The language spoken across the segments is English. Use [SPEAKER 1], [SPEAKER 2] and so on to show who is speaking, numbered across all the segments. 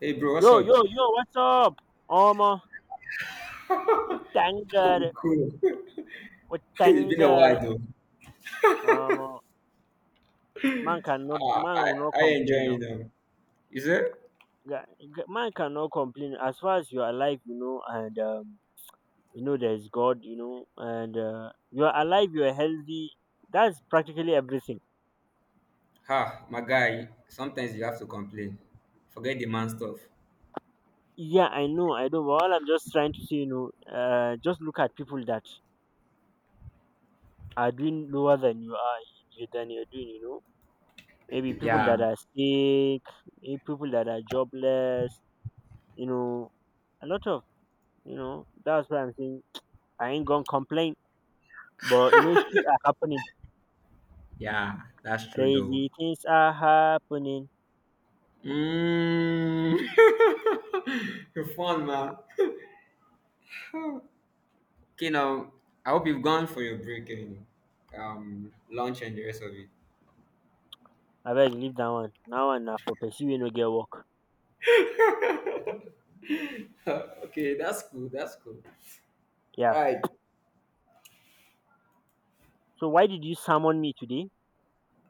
[SPEAKER 1] Hey bro, what's
[SPEAKER 2] Yo, yo,
[SPEAKER 1] up?
[SPEAKER 2] yo, what's up? Um, uh, we thank
[SPEAKER 1] I'm
[SPEAKER 2] God.
[SPEAKER 1] cool.
[SPEAKER 2] We
[SPEAKER 1] It's
[SPEAKER 2] thank
[SPEAKER 1] been a
[SPEAKER 2] God.
[SPEAKER 1] while though.
[SPEAKER 2] Um, uh, man cannot,
[SPEAKER 1] Uh,
[SPEAKER 2] man
[SPEAKER 1] I
[SPEAKER 2] will not
[SPEAKER 1] I
[SPEAKER 2] complain now.
[SPEAKER 1] enjoying them. Is it?
[SPEAKER 2] Man cannot complain as far as you are alive, you know, and you know there is God, you know, and you are alive, you are healthy. That's practically everything.
[SPEAKER 1] Ha, my guy. Sometimes you have to complain. Forget the man stuff.
[SPEAKER 2] Yeah, I know. But all I'm just trying to say, just look at people that are doing lower than you are, you than you're doing, you know. Maybe people that
[SPEAKER 1] Yeah,
[SPEAKER 2] are sick, eh, people that are jobless, you know, a lot of, you know, that's why I'm saying I ain't gonna complain. But you know, shit are happening.
[SPEAKER 1] yeah, that's true though.
[SPEAKER 2] Crazy things are happening.
[SPEAKER 1] Mm. You're fun, man. Okay, now I hope you've gone for your break and lunch and the rest of it.
[SPEAKER 2] I better leave that one. Now one na for pursue you no get work.
[SPEAKER 1] Okay, that's cool. That's cool. All
[SPEAKER 2] Yeah.
[SPEAKER 1] right.
[SPEAKER 2] So why did you summon me today?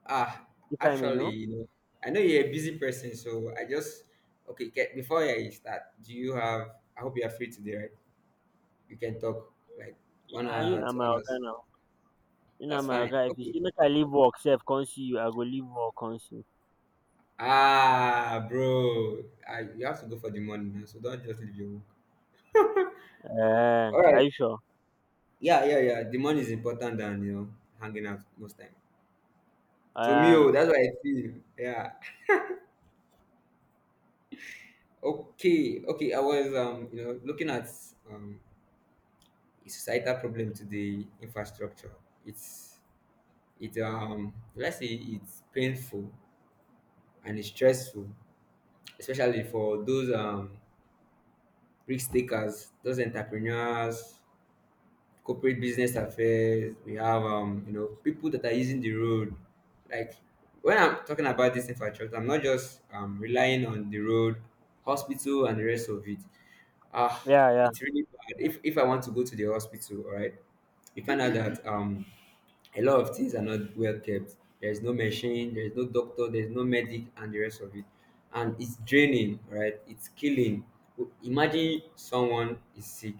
[SPEAKER 1] Ah,
[SPEAKER 2] If I may
[SPEAKER 1] actually,
[SPEAKER 2] know.
[SPEAKER 1] you know, I know you're a busy person, so I just okay. Get, before I start, do you have? I hope you are free today, right? You can talk like one
[SPEAKER 2] Ah, you
[SPEAKER 1] hour,
[SPEAKER 2] na
[SPEAKER 1] two
[SPEAKER 2] my oga
[SPEAKER 1] hours.
[SPEAKER 2] now. You na
[SPEAKER 1] That's
[SPEAKER 2] my oga.
[SPEAKER 1] fine.
[SPEAKER 2] If you
[SPEAKER 1] Okay.
[SPEAKER 2] see make I leave work sef, come see you, I go leave work come see you.
[SPEAKER 1] Ah, bro, I, you have to go for the money now, so don't just leave your work.
[SPEAKER 2] Eh,
[SPEAKER 1] All
[SPEAKER 2] are
[SPEAKER 1] right.
[SPEAKER 2] you sure?
[SPEAKER 1] Yeah, yeah, yeah. The money is important than you know, hanging out most time. To me,
[SPEAKER 2] Ah,
[SPEAKER 1] oh,
[SPEAKER 2] no.
[SPEAKER 1] that's what I feel. Yeah. Okay, okay. I was you know, looking at um a societal problem to the infrastructure. It's it let's say it's painful and it's stressful, especially for those risk takers, those entrepreneurs, corporate business affairs. We have you know people that are using the road. Like when I'm talking about this infrastructure, I'm not just relying on the road, hospital, and the rest of it. Ah,
[SPEAKER 2] Yeah, yeah,
[SPEAKER 1] it's really bad. If I want to go to the hospital, all right, you find out that a lot of things are not well kept. There is no machine, there is no doctor, there is no medic, and the rest of it. And it's draining, right? It's killing. Imagine someone is sick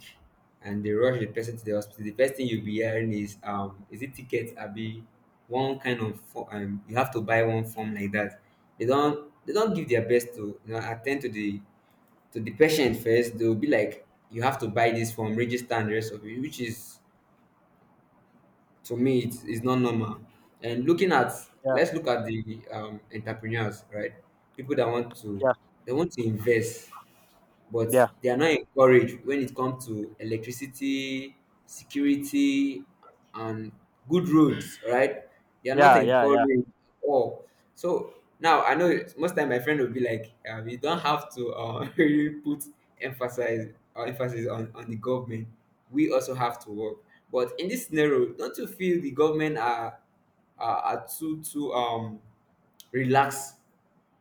[SPEAKER 1] and they rush the person to the hospital. The first thing you'll be hearing is it tickets, Abi, one kind of form. You have to buy one form like that. They don't give their best to you know attend to the patient first. They'll be like, you have to buy this form, register, and the rest of it, which is to me it's not normal and looking at
[SPEAKER 2] yeah,
[SPEAKER 1] let's look at the entrepreneurs, right, people that want to
[SPEAKER 2] yeah,
[SPEAKER 1] they want to invest, but
[SPEAKER 2] yeah,
[SPEAKER 1] they are not encouraged when it comes to electricity, security, and good roads, right? They are not
[SPEAKER 2] yeah, yeah,
[SPEAKER 1] encouraged
[SPEAKER 2] yeah.
[SPEAKER 1] at all. So now I know most time my friend will be like, we don't have to really put emphasis or emphasis on the government. We also have to work. But in this scenario, don't you feel the government are too relaxed,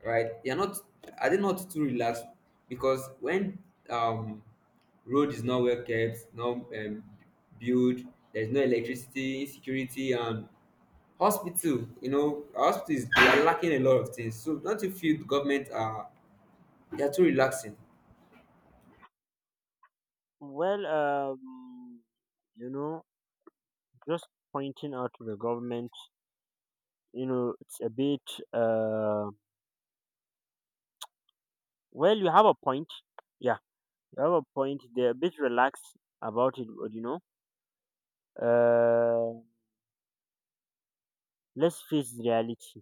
[SPEAKER 1] right? They are not are they not too relaxed? Because when um road is not well kept, no built, there's no electricity, security and hospital, you know, hospital is they are lacking a lot of things. So don't you feel the government are they are too relaxing?
[SPEAKER 2] Well, you know, just pointing out to the government, you know, it's a bit, uh, well, you have a point. Yeah, you have a point. They're a bit relaxed about it, but uh, let's face reality.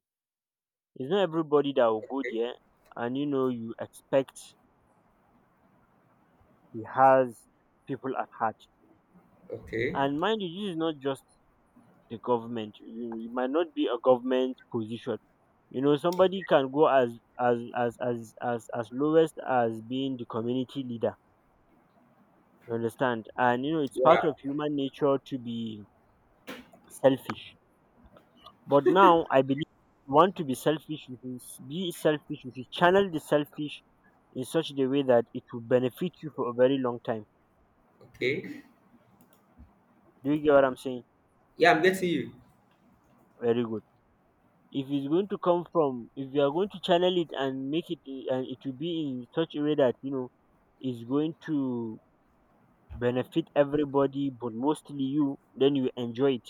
[SPEAKER 2] It's not everybody that will go there, and you know, you expect he has people at heart.
[SPEAKER 1] Okay.
[SPEAKER 2] And mind you, this is not just the government. You- It might not be a government position. You know, somebody can go as lowest as being the community leader. You understand? And you know, it's
[SPEAKER 1] Yeah,
[SPEAKER 2] part of human nature to be selfish. But now I believe you want to be selfish, you should be selfish, you should channel the selfish in such a way that it will benefit you for a very long time.
[SPEAKER 1] okay.
[SPEAKER 2] Do you get what I'm saying?
[SPEAKER 1] Yeah, I'm getting you.
[SPEAKER 2] Very good. If it's going to come from, if you are going to channel it and make it, and it will be in such a way that, you know, is going to benefit everybody, but mostly you, then you enjoy it.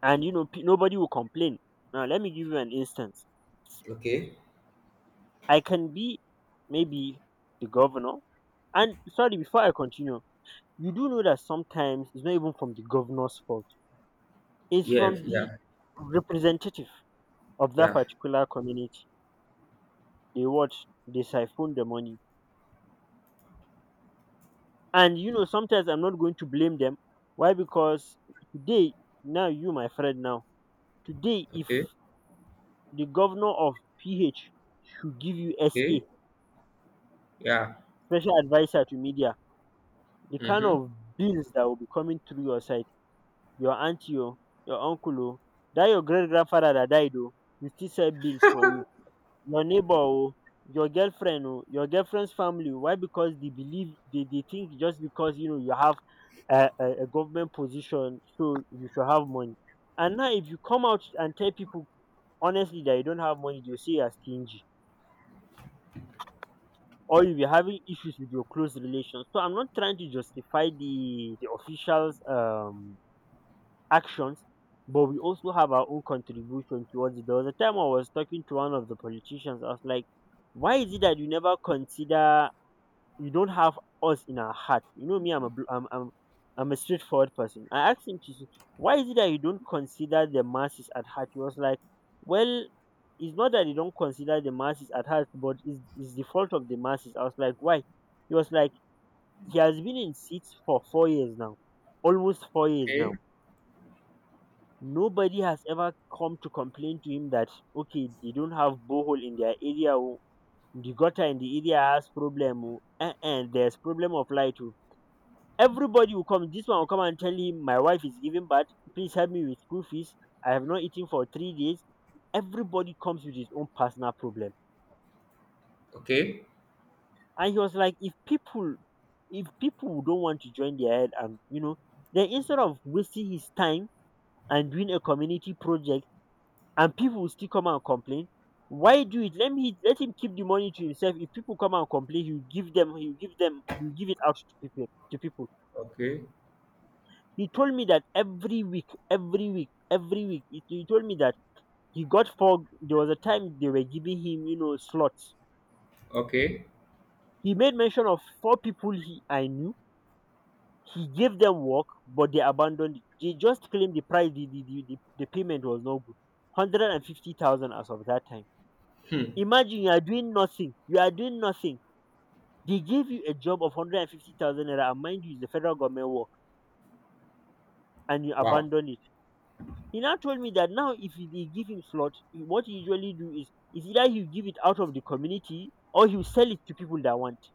[SPEAKER 2] And, you know, nobody will complain. Now, let me give you an instance.
[SPEAKER 1] Okay.
[SPEAKER 2] I can be maybe the governor. And sorry, before I continue, you do know that sometimes it's not even from the governor's fault. It's
[SPEAKER 1] Yeah,
[SPEAKER 2] from the
[SPEAKER 1] yeah,
[SPEAKER 2] representative of that
[SPEAKER 1] yeah.
[SPEAKER 2] particular community. They watch, they siphon the money. And you know, sometimes I'm not going to blame them. Why? Because today, now you, my friend, now, today, if
[SPEAKER 1] Okay,
[SPEAKER 2] the governor of PH should give you
[SPEAKER 1] okay,
[SPEAKER 2] SA,
[SPEAKER 1] yeah.
[SPEAKER 2] special advisor to media, the kind
[SPEAKER 1] Mm-hmm.
[SPEAKER 2] of bills that will be coming through your side, your auntie oh, your uncle oh, dat your great grandfather dat died oh, you still sell bills for you, your neighbor oh, your girlfriend oh, your girlfriend's family oh. Why? Because they believe they think just because you know you have a government position, so you should have money. And now if you come out and tell people honestly that you don't have money, dey will say you are stingy or you be having issues with your close relations. So I'm not trying to justify the officials actions, but we also have our own contribution towards it. There was a time I was talking to one of the politicians. I was like, why is it that you never consider, you don't have us in our heart? You know me, I'm a straightforward person. I asked him to say, why is it that you don't consider the masses at heart? He was like, well, it's not that you don't consider the masses at heart, but it's the fault of the masses. I was like, why? He was like, he has been in seats for 4 years now, almost 4 years
[SPEAKER 1] Okay,
[SPEAKER 2] now. Nobody has ever come to complain to him that okay they don't have borehole in their area oh, the gutter in the area has problem oh, eh, eh, there's problem of light oh. Everybody will come, this one will come and tell him my wife is giving birth, please help me with school fees, I have not eaten for 3 days. Everybody comes with his own personal problem.
[SPEAKER 1] okay,
[SPEAKER 2] And he was like, if people don't want to join their head, and you know, then instead of wasting his time and doing a community project and people will still come and complain. Why do it? Let me, let him keep the money to himself. If people come and complain, he'll give it out to people.
[SPEAKER 1] okay,
[SPEAKER 2] He told me that every week, every week. He told me that he got four, there was a time they were giving him, you know, slots.
[SPEAKER 1] okay.
[SPEAKER 2] He made mention of four people he I knew. He gave them work, but they abandoned it. They just claimed the price, the payment was no good. 150,000 as of that time. Imagine you are doing nothing. They gave you a job of 150,000 naira, and mind you, it's the federal government work, and you
[SPEAKER 1] Wow.
[SPEAKER 2] abandon it. He now told me that now, if they give him slot, what he usually do is either he'll give it out of the community or he'll sell it to people that want.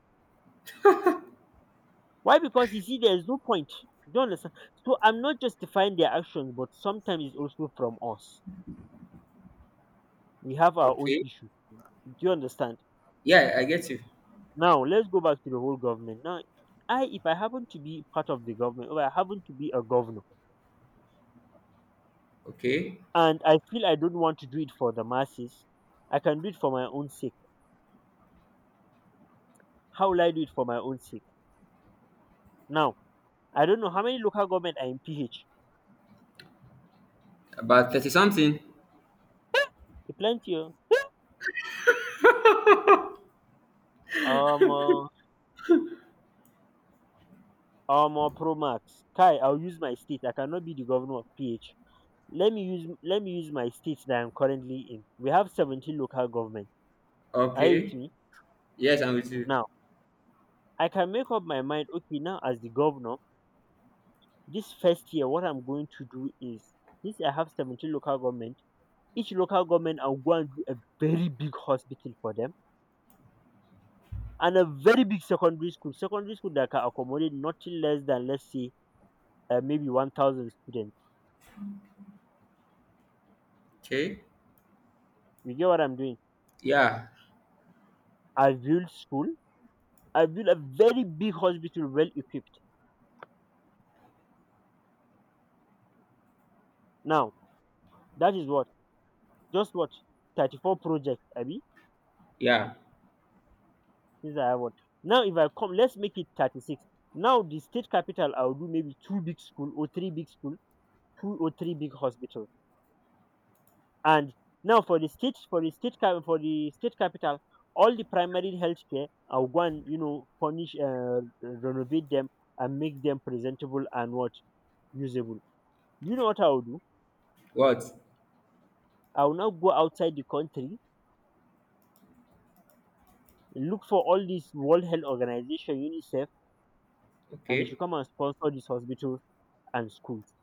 [SPEAKER 2] Why? Because you see, there's no point. You don't understand. So I'm not justifying their actions, but sometimes it's also from us. We have our own
[SPEAKER 1] Okay.
[SPEAKER 2] issue. Do you understand?
[SPEAKER 1] Yeah, I get you.
[SPEAKER 2] Now, let's go back to the whole government. Now, I, if I happen to be part of the government, or I happen to be a governor,
[SPEAKER 1] Okay.
[SPEAKER 2] and I feel I don't want to do it for the masses. I can do it for my own sake. How will I do it for my own sake? Now, I don't know how many local government are in PH.
[SPEAKER 1] About 30 something.
[SPEAKER 2] A plenty oh. Um, uh, Pro Max. Kai, I'll use my state. I cannot be the governor of PH. Let me use my state that I'm currently in. We have 17 local government. Are you with
[SPEAKER 1] Okay.
[SPEAKER 2] me?
[SPEAKER 1] Yes, I'm with you.
[SPEAKER 2] Now, I can make up my mind. Okay, now as the governor, this first year, what I'm going to do is this. I have 17 local government. Each local government, and go and do a very big hospital for them and a very big secondary school that can accommodate nothing less than, let's say, maybe 1,000 students.
[SPEAKER 1] Okay.
[SPEAKER 2] You get what I'm doing?
[SPEAKER 1] Yeah.
[SPEAKER 2] I build school, I build a very big hospital well equipped. Now, that is what, just what, 34 projects I
[SPEAKER 1] Yeah.
[SPEAKER 2] since I have. What? Now if I come, let's make it 36. Now the state capital, I'll do maybe two big school or three big school, two or three big hospitals. And now for the state, for the state capital, all the primary healthcare, care are one, you know, furnish, renovate them and make them presentable and what, usable. Do you know what I will do?
[SPEAKER 1] What?
[SPEAKER 2] I will now go outside the country, look for all these World Health Organization, UNICEF, and they should
[SPEAKER 1] Okay.
[SPEAKER 2] come and sponsor these hospitals and schools.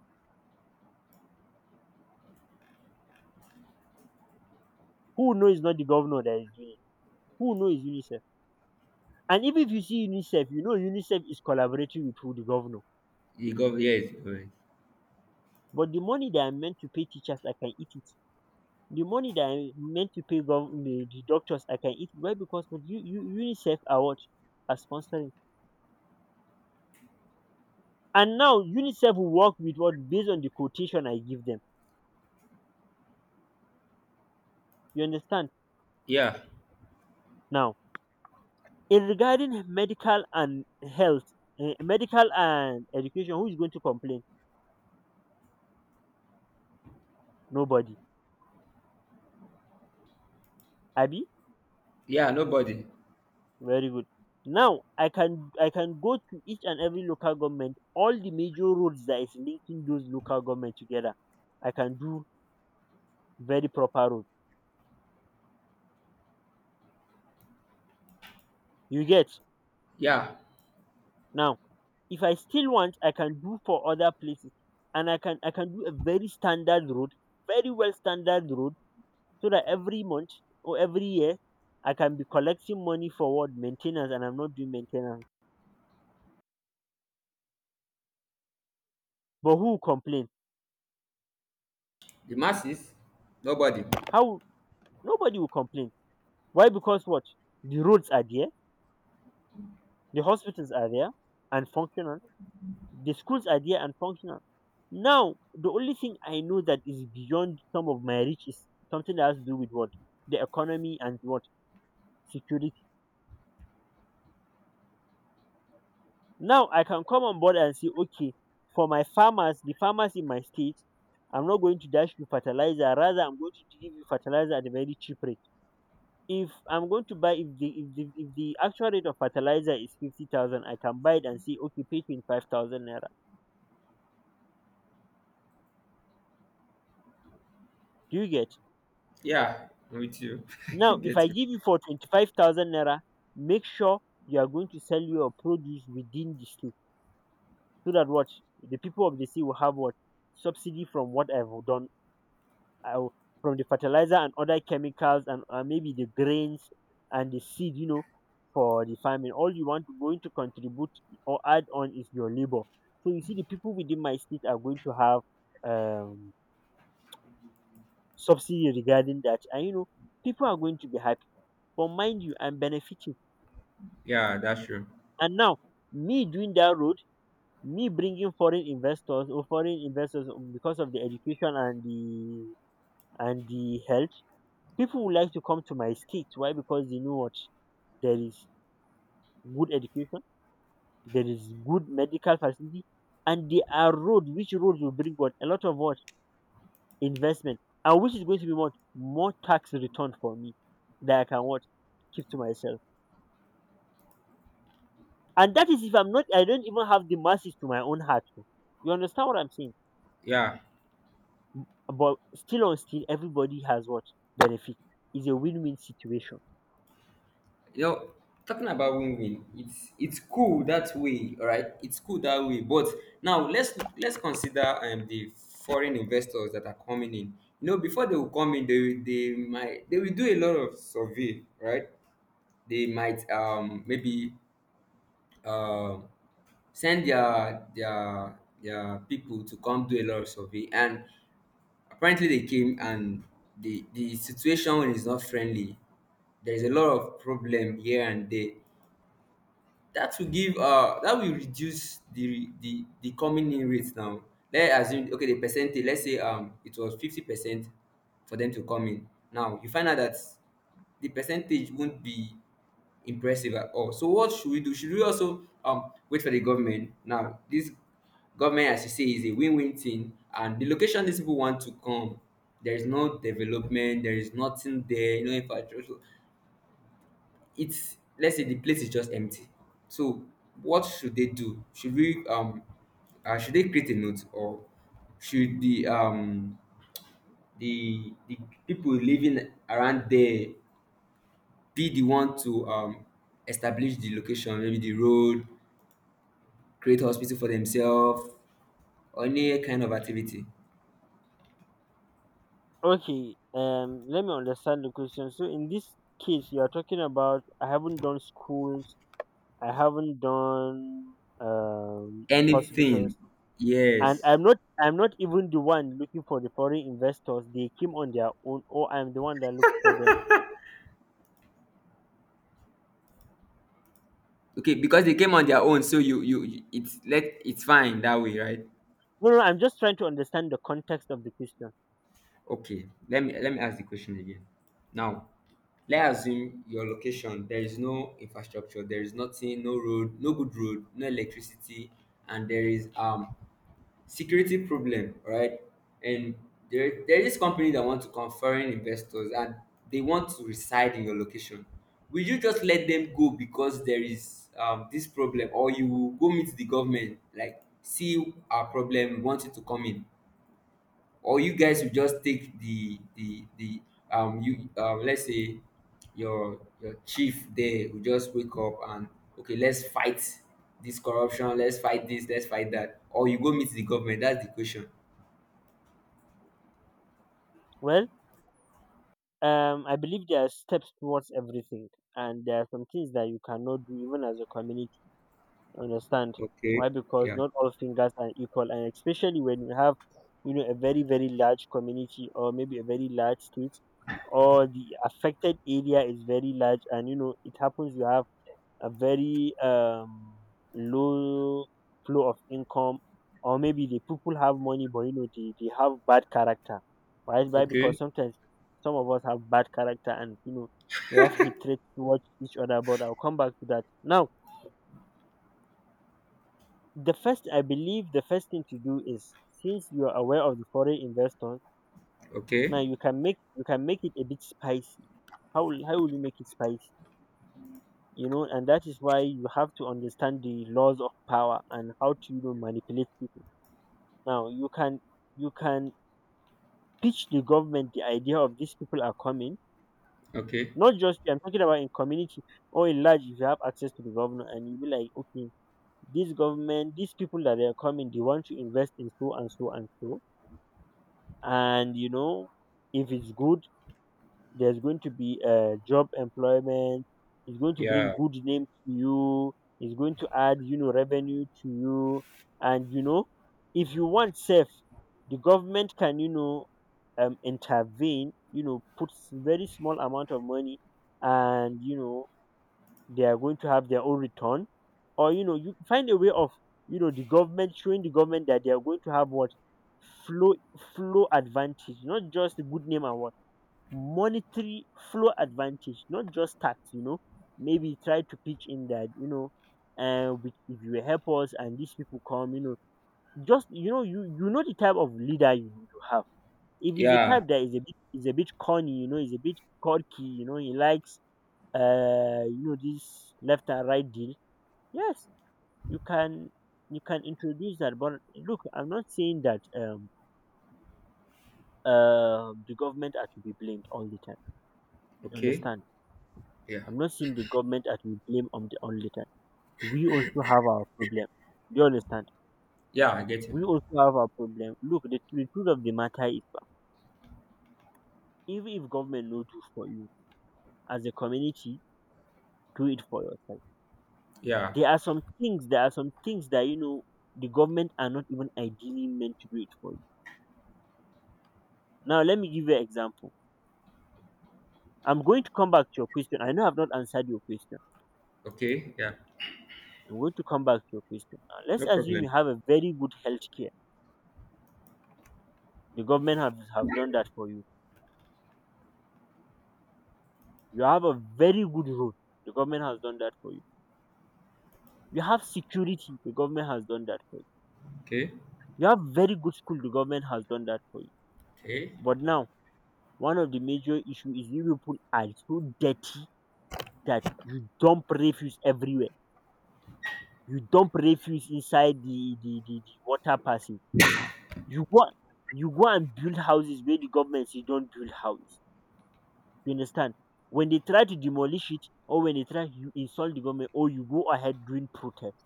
[SPEAKER 2] Who knows is not the governor that is doing it? Who knows is UNICEF? And even if you see UNICEF, you know UNICEF is collaborating with who? The governor.
[SPEAKER 1] You go yes. Alright.
[SPEAKER 2] But the money they are meant to pay teachers, I can eat it. The money that I meant to pay the doctors, I can eat. Why? Because but UNICEF are what? Are sponsoring. And now UNICEF will work with what? Based on the quotation I give them. You understand?
[SPEAKER 1] Yeah.
[SPEAKER 2] Now, in regarding medical and health, eh, medical and education, who is going to complain? Nobody. Abby?
[SPEAKER 1] Yeah, nobody.
[SPEAKER 2] Very good. Now I can go to each and every local government, all the major roads that is linking those local government together. I can do very proper road. You get
[SPEAKER 1] Yeah.
[SPEAKER 2] now. If I still want, I can do for other places, and I can do a very standard road, very well standard road, so that every month or every year I can be collecting money for what? Maintenance. And I'm not doing maintenance, but who will complain?
[SPEAKER 1] The masses? Nobody.
[SPEAKER 2] How? Nobody will complain. Why? Because what? The roads are there, the hospitals are there and functional, the schools are there and functional. Now the only thing I know that is beyond some of my reach is something that has to do with what? The economy, and what? Security. Now I can come on board and say, okay, for my farmers, the farmers in my state, I'm not going to dash you fertilizer. Rather, I'm going to give you fertilizer at a very cheap rate. If I'm going to buy, if the actual rate of fertilizer is 50,000, I can buy it and say, okay, pay ₦25,000 naira. Do you get?
[SPEAKER 1] Yeah. I'm with you. I
[SPEAKER 2] Now, if I
[SPEAKER 1] get you.
[SPEAKER 2] give you for ₦25,000 naira, make sure you are going to sell your produce within the state, so that what? The people of the state will have what? Subsidy from what I've done uh, from the fertilizer and other chemicals, and maybe the grains and the seed, you know, for the farming. All you want going to contribute or add on is your labor. So you see, the people within my state are going to have um, subsidy regarding that, and you know, people are going to be happy. But mind you, I'm benefiting,
[SPEAKER 1] Yeah, that's true.
[SPEAKER 2] and now me doing that road, me bringing foreign investors, or foreign investors, because of the education and the health. People would like to come to my state. Why? Because they know what? There is good education, there is good medical facility, and there are roads. Which roads will bring what? A lot of what? Investment. And which is going to be what? More tax return for me, that I can what? Keep to myself. And that is if I'm not, I don't even have the masses to my own heart. Oh. You understand what I'm saying?
[SPEAKER 1] Yeah.
[SPEAKER 2] M- But still on still, everybody has what? Benefit. It's a win-win situation.
[SPEAKER 1] You know, talking about win-win, it's cool that way, all right, it's cool that way, but now let's consider the foreign investors that are coming in. You know, before they will come in, they might they will do a lot of survey, right? They might maybe um send their people to come do a lot of survey, and apparently they came and the situation is not friendly. There's a lot of problem here and there that will give that will reduce the coming in rate. Now let's assume, okay, the percentage, let's say it was 50% for them to come in. Now you find out that the percentage won't be impressive at all. So what should we do? Should we also wait for the government? Now this government, as you say, is a win-win thing, and the location these people want to come, there is no development, there is nothing there, no infrastructure. It's let's say the place is just empty. So what should they do? Should we should they create a note, or should the people living around there be the one to establish the location, maybe the road, create hospital for themselves, or any kind of activity,
[SPEAKER 2] Okay, let me understand the question. So in this case, you are talking about I haven't done schools, I haven't done
[SPEAKER 1] anything?
[SPEAKER 2] hospitals, and
[SPEAKER 1] Yes.
[SPEAKER 2] I'm not even the one looking for the foreign investors. They came on their own, or I'm the one that looked for them.
[SPEAKER 1] Okay, because they came on their own, so you it's let it's fine that way, right?
[SPEAKER 2] No, no, no, I'm just trying to understand the context of the question.
[SPEAKER 1] Okay, let me ask the question again. Now, let's assume your location, there is no infrastructure, there is nothing, no road, no good road, no electricity, and there is security problem, right? And there is company that want to come foreign investors, and they want to reside in your location. Will you just let them go because there is this problem, or you will go meet the government, like see our problem, we want you to come in? Or you guys will just take the you let's say your chief there will just wake up and okay let's fight this corruption, let's fight this, let's fight that, or you go meet the government? That's the question.
[SPEAKER 2] Well, I believe there are steps towards everything, and there are some things that you cannot do even as a community. Understand?
[SPEAKER 1] Okay,
[SPEAKER 2] Why? Because
[SPEAKER 1] yeah.
[SPEAKER 2] not all fingers are equal, and especially when you have, you know, a very large community or maybe a very large state, or the affected area is very large. And you know it happens, you have a very low flow of income, or maybe the people have money, but you know they have bad character. Why? Why? Because
[SPEAKER 1] Okay,
[SPEAKER 2] sometimes some of us have bad character, and you know, we have hatred towards each other. But I'll come back to that. Now, the first, I believe the first thing to do is since you are aware of the foreign investors,
[SPEAKER 1] okay,
[SPEAKER 2] now you can make it a bit spicy. How will you make it spicy? You know, and that is why you have to understand the laws of power and how to, you know, manipulate people. Now you can pitch the government the idea of these people are coming,
[SPEAKER 1] okay,
[SPEAKER 2] not just, I'm talking about in community or in large. If you have access to the governor and you be like, okay, this government, these people that they are coming, they want to invest in so and so and so, and you know, if it's good, there's going to be a job employment, it's going to bring
[SPEAKER 1] yeah,
[SPEAKER 2] good name to you, it's going to add, you know, revenue to you. And you know, if you want safe, the government can, you know, intervene, you know, puts very small amount of money, and you know, they are going to have their own return. Or you know, you find a way of, you know, the government, showing the government that they are going to have what? Flow. Flow advantage, not just the good name, and what? Monetary flow advantage, not just tax. You know, maybe try to pitch in that, you know, we, if you help us and these people come, you know, just, you know, you know the type of leader you have. If he's a type
[SPEAKER 1] yeah.
[SPEAKER 2] that is a bit corny, you know, is a bit quirky, you know, he likes, you know, this left and right deal, yes, you can you can introduce that. But look, I'm not saying that the government are to be blamed all the time. You
[SPEAKER 1] Okay.
[SPEAKER 2] understand?
[SPEAKER 1] Yeah,
[SPEAKER 2] I'm not saying the government are to be blamed on the all the time. We also have our problem. Do you understand?
[SPEAKER 1] yeah, I get you.
[SPEAKER 2] We also have our problem. Look, the truth of the matter is, even if government no do for you as a community, do it for yourself.
[SPEAKER 1] Yeah.
[SPEAKER 2] There are some things, there are some things that, you know, the government are not even ideally meant to do it for you. Now let me give you an example. I'm going to come back to your question. I know I've not answered your question.
[SPEAKER 1] Okay. Yeah.
[SPEAKER 2] I'm going to come back to your question. Now, let's
[SPEAKER 1] No
[SPEAKER 2] assume you
[SPEAKER 1] problem.
[SPEAKER 2] have a very good health care. The government have done that for you. You have a very good road. The government has done that for you. You have security. The government has done that for you.
[SPEAKER 1] Okay,
[SPEAKER 2] You have very good school. The government has done that for you.
[SPEAKER 1] okay.
[SPEAKER 2] But now, one of the major issue is you people are so dirty that you dump refuse everywhere. You dump refuse inside the water passage. You go you go and build houses where the government say don't build house. You understand? When they try to demolish it, or when they try, you insult the government, or you go ahead doing protest.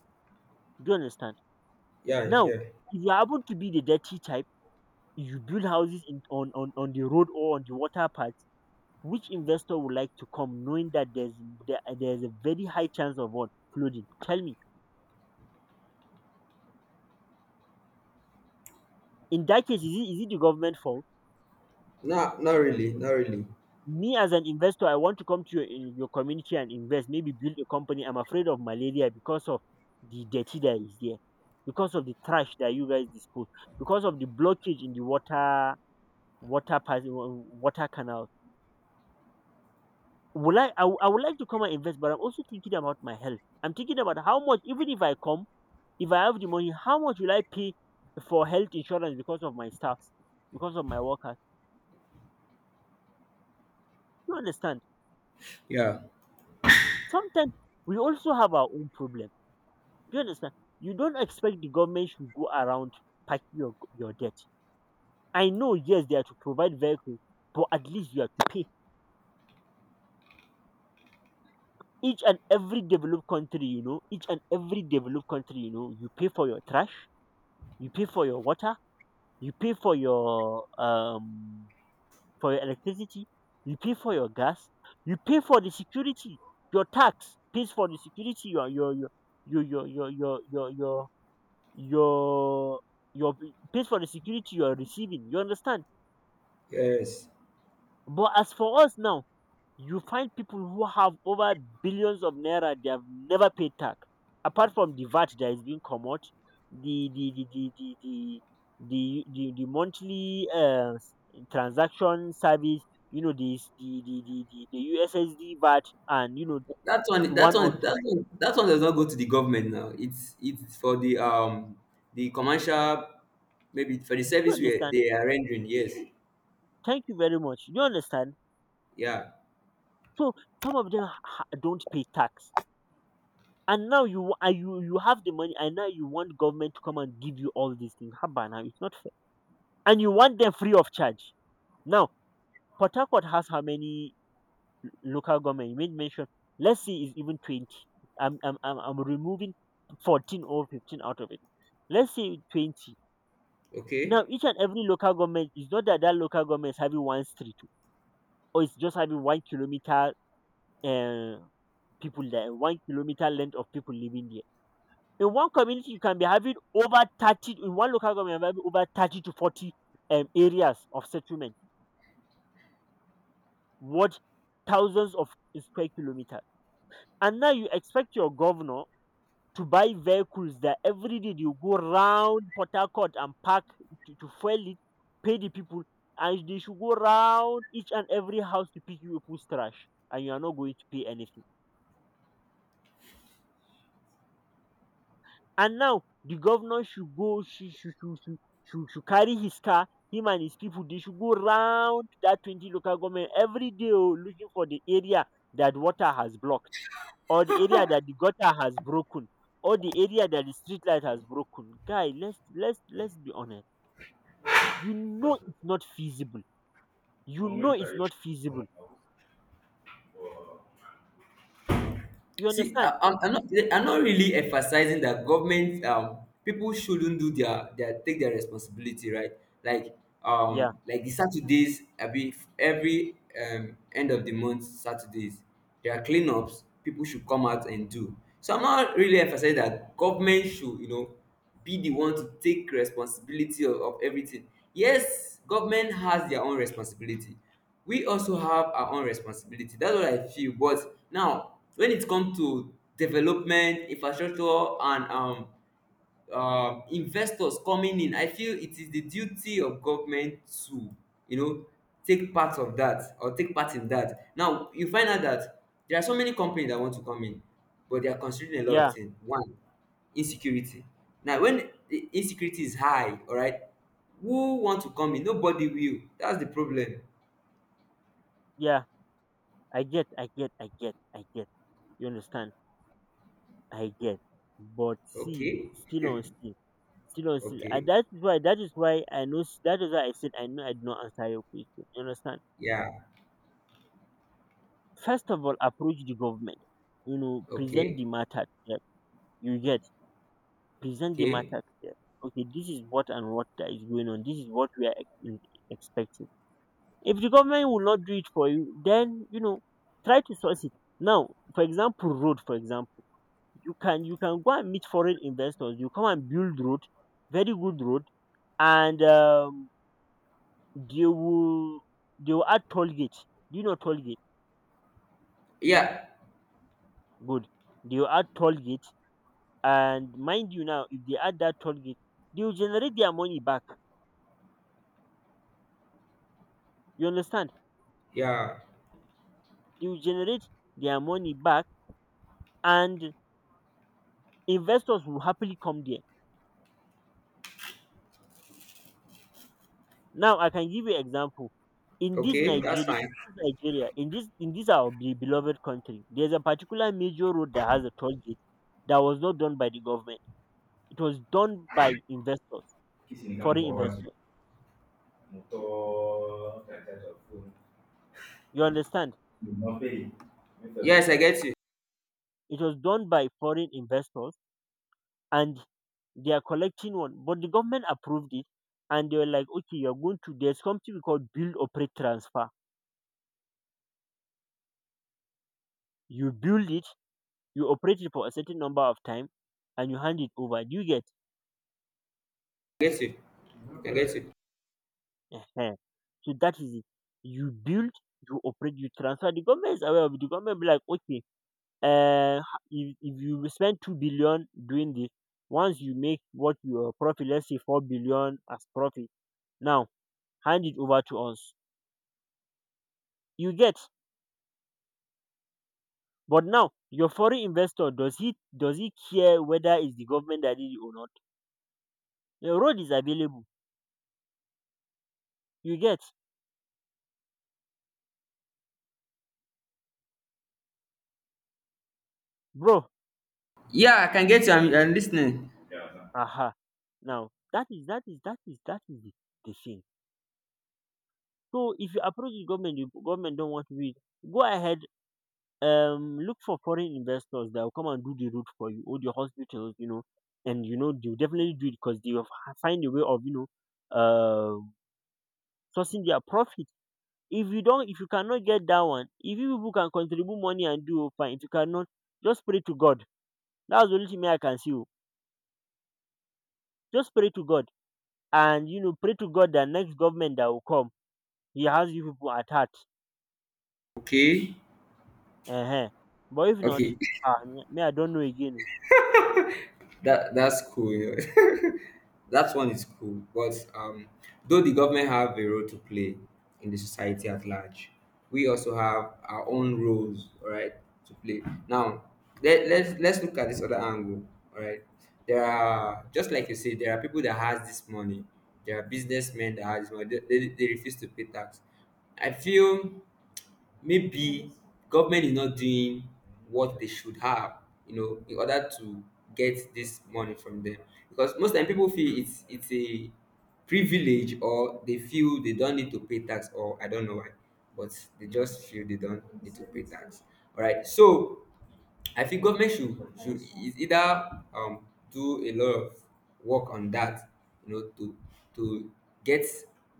[SPEAKER 2] Do you understand?
[SPEAKER 1] Yeah,
[SPEAKER 2] Now,
[SPEAKER 1] yeah.
[SPEAKER 2] if you happen to be the dirty type, you build houses on the road or on the water paths. Which investor would like to come knowing that there's a very high chance of what? Flooding. Tell me. In that case, is it the government fault?
[SPEAKER 1] Not not really, not really.
[SPEAKER 2] Me as an investor, I want to come to your community and invest, maybe build a company. I'm afraid of malaria because of the dirty that is there, because of the trash that you guys dispose, because of the blockage in the water, water pass, water canal. Will I, I wou- I would like to come and invest, but I'm also thinking about my health. I'm thinking about how much. Even if I come, if I have the money, how much will I pay for health insurance, because of my staffs, because of my workers. You understand?
[SPEAKER 1] Yeah.
[SPEAKER 2] Sometimes we also have our own problem. Do you understand? You don't expect the government should go around packing your debt. I know, yes, they are to provide vehicles, but at least you have to pay. Each and every developed country, you know, each and every developed country, you know, you pay for your trash, you pay for your water, you pay for your electricity, you pay for your gas, you pay for the security, your tax pays for the security, your your your your your, your your your b- pays for the security you are receiving. You understand?
[SPEAKER 1] Yes.
[SPEAKER 2] But as for us now, you find people who have over billions of naira, they have never paid tax. Apart from the VAT that is being come out, the the the the the the the monthly transaction service, you know, this the USSD VAT, and you know,
[SPEAKER 1] That one, that
[SPEAKER 2] one or
[SPEAKER 1] one,
[SPEAKER 2] two.
[SPEAKER 1] that one, that one does not go to the government now. It's for the commercial, maybe for the
[SPEAKER 2] Do you
[SPEAKER 1] service where
[SPEAKER 2] understand?
[SPEAKER 1] they are rendering. Yes,
[SPEAKER 2] Thank you very much. Do you understand?
[SPEAKER 1] yeah,
[SPEAKER 2] So some of them don't pay tax. And now you you have the money, and now you want government to come and give you all these things. Haba, now it's not fair. And you want them free of charge. Now, Port Harcourt has how many local government? You made mention. Let's see, it's even 20. I'm removing 14 or 15 out of it. Let's say 20. Now,
[SPEAKER 1] okay.
[SPEAKER 2] each and every local government is not that that local government is having one street, or it's just having 1 kilometer uh, people there, 1 kilometer length of people living there. In one community you can be having over 30, in one local government you can be over 30 to 40 areas of settlement, what? Thousands of square kilometers. And now you expect your governor to buy vehicles that every day you go round Port Harcourt, and park, to fuel it, pay the people, and they should go round each and every house to pick you people's trash, and you are not going to pay anything. And now the governor should go, should carry his car, him and his people, they should go round that 20 local government every day oh, looking for the area that water has blocked, or the area that the gutter has broken, or the area that the street light has broken. Guy, let's be honest. You know it's not feasible. You
[SPEAKER 1] Well,
[SPEAKER 2] know it's not feasible. You
[SPEAKER 1] see,
[SPEAKER 2] understand?
[SPEAKER 1] I'm not really emphasizing that government people shouldn't do their take their responsibility, right? Like
[SPEAKER 2] Yeah,
[SPEAKER 1] like the Saturdays, I be every end of the month Saturdays, there are cleanups people should come out and do. So I'm not really emphasizing that government should you know be the one to take responsibility of everything. Yes, government has their own responsibility, we also have our own responsibility, that's what I feel. But now when it comes to development, infrastructure, and investors coming in, I feel it is the duty of government to you know take part of that or take part in that. Now you find out that there are so many companies that want to come in, but they are considering a lot of
[SPEAKER 2] yeah,
[SPEAKER 1] things. One, insecurity. Now when the insecurity is high, all right, who want to come in? Nobody will. That's the problem.
[SPEAKER 2] yeah. I get. You understand? I get. But see,
[SPEAKER 1] Okay.
[SPEAKER 2] still on still, still on still. And
[SPEAKER 1] Okay.
[SPEAKER 2] that is why that is why I said I know I did not answer your question. You understand?
[SPEAKER 1] Yeah.
[SPEAKER 2] First of all, approach the government. You know, present the
[SPEAKER 1] Okay.
[SPEAKER 2] matter to them. You get present the
[SPEAKER 1] Okay.
[SPEAKER 2] matter to them. Okay, this is what and what that is going on. This is what we are expecting. If the government will not do it for you, then you know, try to source it. Now, for example, road. For example, you can go and meet foreign investors. You come and build road, very good road and they will they will add toll gate. Do you know toll gate?
[SPEAKER 1] Yeah.
[SPEAKER 2] Good. They will add toll gate, and mind you now, if they add that toll gate, they will generate their money back. You understand?
[SPEAKER 1] Yeah.
[SPEAKER 2] They will generate their money back, and investors will happily come there. Now I can give you example. In
[SPEAKER 1] Okay. That's fine.
[SPEAKER 2] This Nigeria, in this our beloved country, there's a particular major road that has a toll gate that was not done by the government. It was done by investors,
[SPEAKER 1] Kissing the
[SPEAKER 2] foreign
[SPEAKER 1] for hours.
[SPEAKER 2] investors.
[SPEAKER 1] Motor, that type of phone.
[SPEAKER 2] You understand?
[SPEAKER 1] You not pay. Make sure. Yes, I get you.
[SPEAKER 2] It was done by foreign investors and they are collecting one, but the government approved it and they were like, okay, you're going to, there's something we call build, operate, transfer. You build it, you operate it for a certain number of time and you hand it over. Do you get?
[SPEAKER 1] I get you. I get you.
[SPEAKER 2] Ehen. So that is it. You build, you operate, you transfer. The government is aware of it. The government be like, okay, uh, if you spend 2 billion doing this, once you make what your profit, let's say 4 billion as profit, now hand it over to us. You get? But now your foreign investor does he care whether it's the government that did it or not? The road is available. You get, bro?
[SPEAKER 1] Yeah, I can get you. I'm listening. Yeah. Are
[SPEAKER 2] Aha. Now that is the thing. So if you approach the government don't want to do it. Go ahead, look for foreign investors that will come and do the road for you or the hospitals, you know, and you know they'll definitely do it because they will find a way of you know, uh, sourcing their profit. If you don't, if you cannot get that one, if you people can contribute money and do oh, fine. If you cannot, just pray to God. That's the only thing me I can see. Oh. Just pray to God and you know pray to God that next government that will come, he has you people at heart.
[SPEAKER 1] okay.
[SPEAKER 2] Uh huh. But if not,
[SPEAKER 1] Okay.
[SPEAKER 2] ah, me, I don't know again. Oh.
[SPEAKER 1] That that's cool. That one is cool. But though the government have a role to play in the society at large, we also have our own roles, all right, to play. Now, let, let's look at this other angle, all right. There are just like you said, there are people that has this money. There are businessmen that has money. They refuse to pay tax. I feel maybe government is not doing what they should have, you know, in order to get this money from them. Because most time people feel it's a privilege or they feel they don't need to pay tax or I don't know why, but they just feel they don't need to pay tax. All right. So I think government should either do a lot of work on that, you know, to get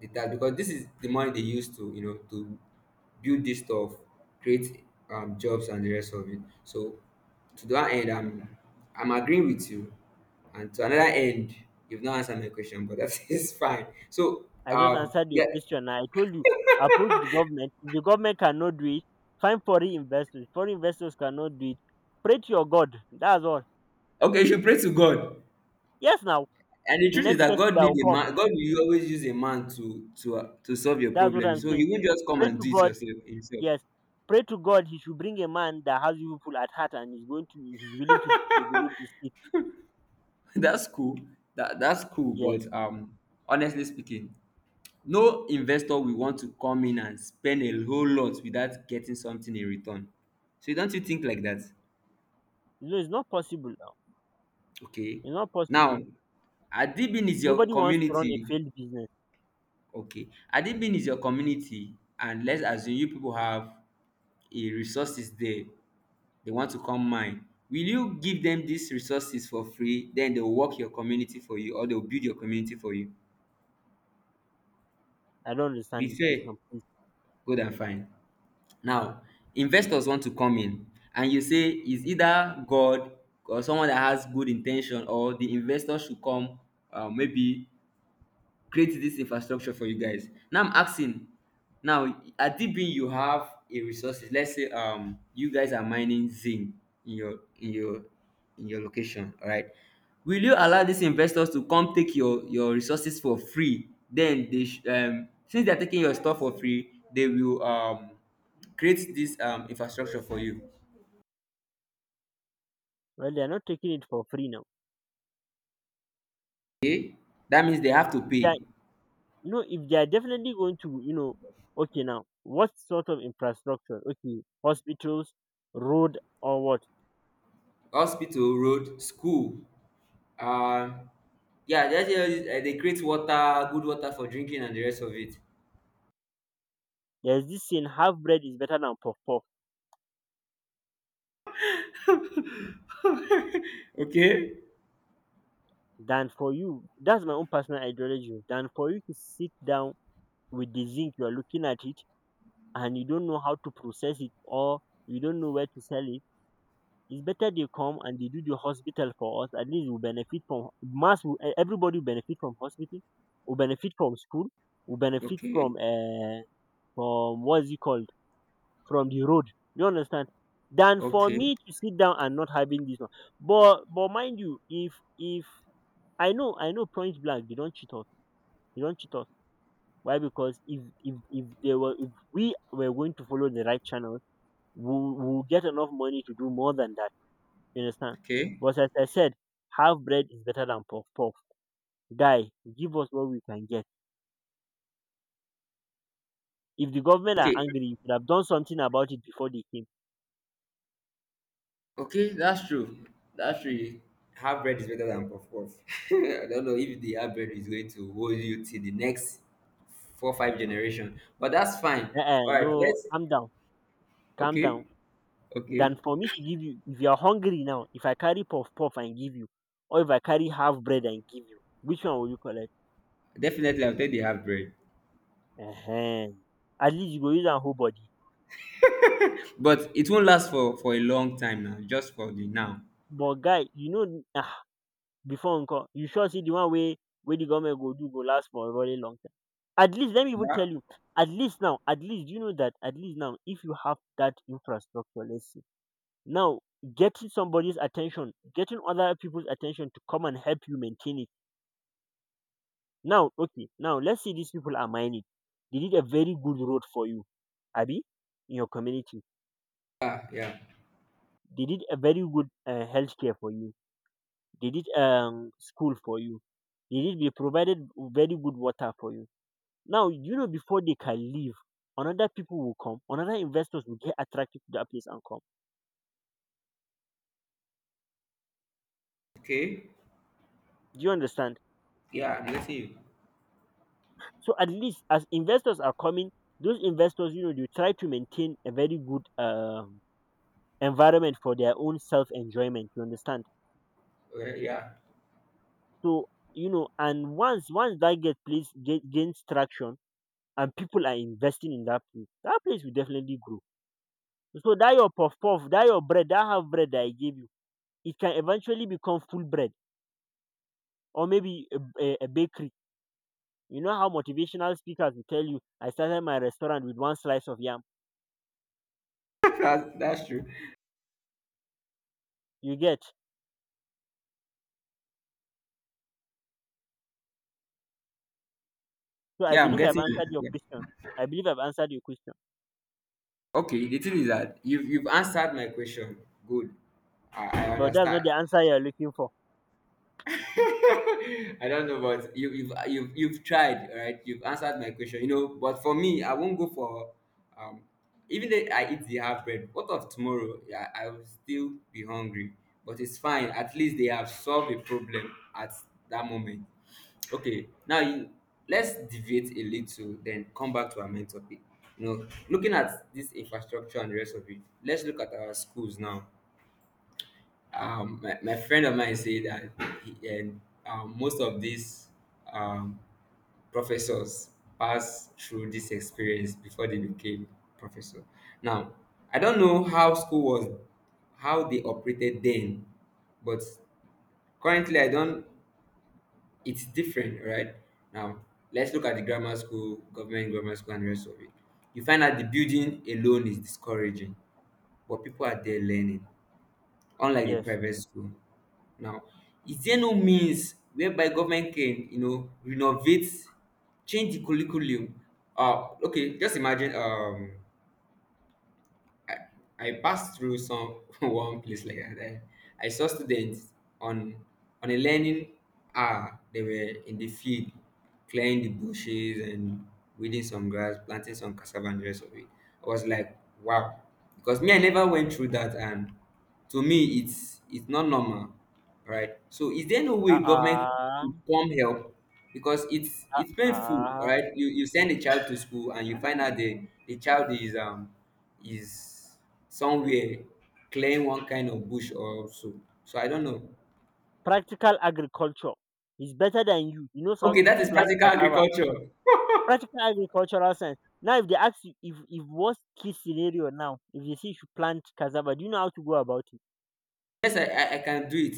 [SPEAKER 1] the tax, because this is the money they use to you know to build this stuff, create jobs and the rest of it. So to that end, I'm agreeing with you, and to another end, you've not answered my question, but that is fine. So
[SPEAKER 2] I just answered your
[SPEAKER 1] yeah,
[SPEAKER 2] question. I told you approach the government. If the government cannot do it, find foreign investors. Foreign investors cannot do it. Pray to your God. That's all.
[SPEAKER 1] okay, you should pray to God.
[SPEAKER 2] Yes, now
[SPEAKER 1] And the
[SPEAKER 2] the
[SPEAKER 1] truth is
[SPEAKER 2] next
[SPEAKER 1] that
[SPEAKER 2] person
[SPEAKER 1] God
[SPEAKER 2] that
[SPEAKER 1] need
[SPEAKER 2] will
[SPEAKER 1] a
[SPEAKER 2] come.
[SPEAKER 1] man. God will always use a man to solve your
[SPEAKER 2] That's what
[SPEAKER 1] problem.
[SPEAKER 2] I'm
[SPEAKER 1] So
[SPEAKER 2] saying.
[SPEAKER 1] He won't just come
[SPEAKER 2] Pray
[SPEAKER 1] and
[SPEAKER 2] to
[SPEAKER 1] do it
[SPEAKER 2] God.
[SPEAKER 1] yourself himself.
[SPEAKER 2] Yes. Pray to God he should bring a man that has you people at heart and is going to is willing to develop the seed.
[SPEAKER 1] That's cool. That that's cool.
[SPEAKER 2] Yes.
[SPEAKER 1] But honestly speaking, no investor will want to come in and spend a whole lot without getting something in return. So don't you think like that?
[SPEAKER 2] No, it's not possible now.
[SPEAKER 1] Okay.
[SPEAKER 2] It's not
[SPEAKER 1] Now,
[SPEAKER 2] possible.
[SPEAKER 1] Adibin is your
[SPEAKER 2] Nobody wants to run a
[SPEAKER 1] community.
[SPEAKER 2] failed business.
[SPEAKER 1] Okay. Adibin is your community, and let's assume you people have a resources there. They want to come mine. Will you give them these resources for free? Then they will work your community for you, or they will build your community for you?
[SPEAKER 2] I don't
[SPEAKER 1] Be
[SPEAKER 2] understand this
[SPEAKER 1] fair,
[SPEAKER 2] question, please.
[SPEAKER 1] good and fine. Now investors want to come in, and you say it's
[SPEAKER 2] Mhm.
[SPEAKER 1] either God or someone that has good intention, or the investor should come maybe create this infrastructure for you guys. Now I'm asking, now at Deepin you have a resources. Let's say you guys are mining zinc in your in your location, all right? Will you allow these investors to come take your resources for free? Then since they're taking your stuff for free, they will create this infrastructure for you.
[SPEAKER 2] Well, they are not taking it for free now.
[SPEAKER 1] That means they have to
[SPEAKER 2] If they are,
[SPEAKER 1] pay
[SPEAKER 2] you know, if they are definitely going to, you know, okay now, what sort of infrastructure? Okay, hospitals, road, or what?
[SPEAKER 1] hospital, road, school. Um, yeah, that's just, they create water, good water for drinking and the rest of it.
[SPEAKER 2] There's this saying, half bread is better than puff puff.
[SPEAKER 1] Okay.
[SPEAKER 2] Than for you, that's my own personal ideology. Than for you to sit down with the zinc you are looking at it and you don't know how to process it or you don't know where to sell it, it's better they come and they do the hospital for us. At least we benefit from mass will- eh, everybody will benefit from hospital. We benefit from school. We benefit
[SPEAKER 1] Okay,
[SPEAKER 2] from uh, from what's it called, from the road. You understand, than for
[SPEAKER 1] okay,
[SPEAKER 2] me to sit down and not having this one. But mind you, if I know, I know point blank they don't cheat us. They don't cheat us. Why? Because if they were, if we were going to follow the right channel, we will get enough money to do more than that. You understand?
[SPEAKER 1] okay,
[SPEAKER 2] But as I said, half bread is better than puff puff. Guy, give us what we can get. If the government are
[SPEAKER 1] okay,
[SPEAKER 2] angry, you should have done something about it before they came.
[SPEAKER 1] okay. That's true. That's true. Half bread is better than puff puff. I don't know if the half bread is going to hold you till the next 4 5 generation, but that's fine.
[SPEAKER 2] Uh,
[SPEAKER 1] All right,
[SPEAKER 2] no,
[SPEAKER 1] let's.
[SPEAKER 2] calm down, calm
[SPEAKER 1] Okay,
[SPEAKER 2] down.
[SPEAKER 1] okay.
[SPEAKER 2] Than for me to give you, if you are hungry now, if I carry puff puff and give you, or if I carry half bread and give you, which one will you collect?
[SPEAKER 1] Definitely, I'll take the half bread,
[SPEAKER 2] uh At least you go use and whole body.
[SPEAKER 1] but it won't last for a long time now. Just for the now.
[SPEAKER 2] But guy you know before encore, you sure see the one way where the government go do go last for a very long time. At least let me even
[SPEAKER 1] Yeah,
[SPEAKER 2] tell you, at least now, at least you know that. At least now if you have that infrastructure, let's see. Now, getting somebody's attention, getting other people's attention to come and help you maintain it, now okay, now let's say these people are mining, they did a very good road for you, Abby, in your community.
[SPEAKER 1] yeah. Yeah.
[SPEAKER 2] They did a very good health for you, they did school for you, they provided very good water for you. Now you know before they can leave, another people will come, another investors will get attracted to that place and come.
[SPEAKER 1] Okay,
[SPEAKER 2] Do you understand?
[SPEAKER 1] yeah. I'm listening.
[SPEAKER 2] So at least as investors are coming, those investors, you know, they try to maintain a very good environment for their own self enjoyment. You understand?
[SPEAKER 1] Well, yeah,
[SPEAKER 2] So you know, and once once that get place gains traction and people are investing in that place, that place will definitely grow. So that your puff puff, that your bread, that half bread that I gave you, it can eventually become full bread or maybe a bakery. You know how motivational speakers will tell you, I started my restaurant with one slice of yam.
[SPEAKER 1] that's true.
[SPEAKER 2] You get. So I
[SPEAKER 1] Yeah, I'm
[SPEAKER 2] believe I've
[SPEAKER 1] getting you.
[SPEAKER 2] answered your
[SPEAKER 1] Yeah.
[SPEAKER 2] question. I believe I've answered your question.
[SPEAKER 1] Okay, the thing is that you've answered my question. Good. I
[SPEAKER 2] But that's not
[SPEAKER 1] understand.
[SPEAKER 2] the answer you're looking for.
[SPEAKER 1] I don't know, but you've you've tried, all right? You've answered my question, But for me, I won't go for um. Even though I eat the half bread, what of tomorrow? Yeah, I will still be hungry. But it's fine. At least they have solved a problem at that moment. Okay, now you let's deviate a little, then come back to our main topic. You know, looking at this infrastructure and the rest of it, let's look at our schools now. My, friend of mine said that most of these um, professors passed through this experience before they became professor. Now, I don't know how school was, how they operated then, but currently I don't. It's different, right? Now, let's look at the grammar school, government grammar school, and the rest of it. You find that the building alone is discouraging, but people are there learning, unlike the
[SPEAKER 2] Yes.
[SPEAKER 1] private school. Now, is there no means whereby government can, you know, renovate, change the curriculum? Okay, just imagine I passed through some one place like that. I saw students on on a learning hour. They were in the field, clearing the bushes and weeding some grass, planting some cassava and the rest of it. I was like, wow, because me I never went through that, and to me it's not normal, right? So is there no way government
[SPEAKER 2] Uh-uh,
[SPEAKER 1] could come help? Because it's painful,
[SPEAKER 2] uh-uh.
[SPEAKER 1] right? You send a child to school and you find out the child is somewhere clearing one kind of bush or so. So I don't know.
[SPEAKER 2] Practical agriculture is better than you. He knows how
[SPEAKER 1] Okay,
[SPEAKER 2] to
[SPEAKER 1] that is
[SPEAKER 2] plant
[SPEAKER 1] practical
[SPEAKER 2] cassava.
[SPEAKER 1] agriculture.
[SPEAKER 2] Practical agricultural science. Now, if they ask you, if worst case scenario now, if they say you should plant cassava, do you know how to go about it?
[SPEAKER 1] Yes, I can do it.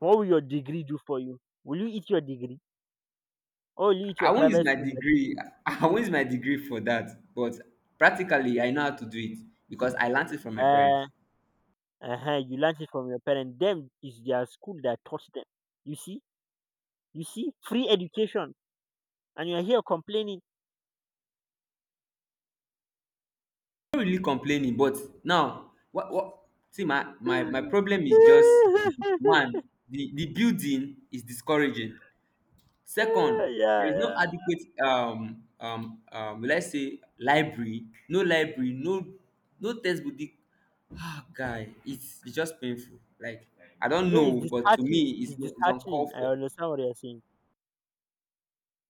[SPEAKER 2] What will your degree do for you? Will you eat your degree? Or will you eat your
[SPEAKER 1] I won't use
[SPEAKER 2] private
[SPEAKER 1] my
[SPEAKER 2] school
[SPEAKER 1] degree.
[SPEAKER 2] certificate?
[SPEAKER 1] I won't use my degree for that. But practically, I know how to do it because I learned it from my
[SPEAKER 2] Uh,
[SPEAKER 1] parents.
[SPEAKER 2] you learnt it from your parents. Them is their school that taught them. You see? You see? Free education. And you're here complaining.
[SPEAKER 1] I'm not really complaining, but now what see my problem is just one: the building is discouraging. Second,
[SPEAKER 2] Yeah,
[SPEAKER 1] there is no
[SPEAKER 2] yeah.
[SPEAKER 1] adequate will I say library, no no textbook. The- Ah, guy, it's just painful. Like I don't
[SPEAKER 2] No, it's
[SPEAKER 1] know, but to me,
[SPEAKER 2] disheartening. It's
[SPEAKER 1] it's uncalled
[SPEAKER 2] disheartening. I
[SPEAKER 1] for.
[SPEAKER 2] understand what you're saying.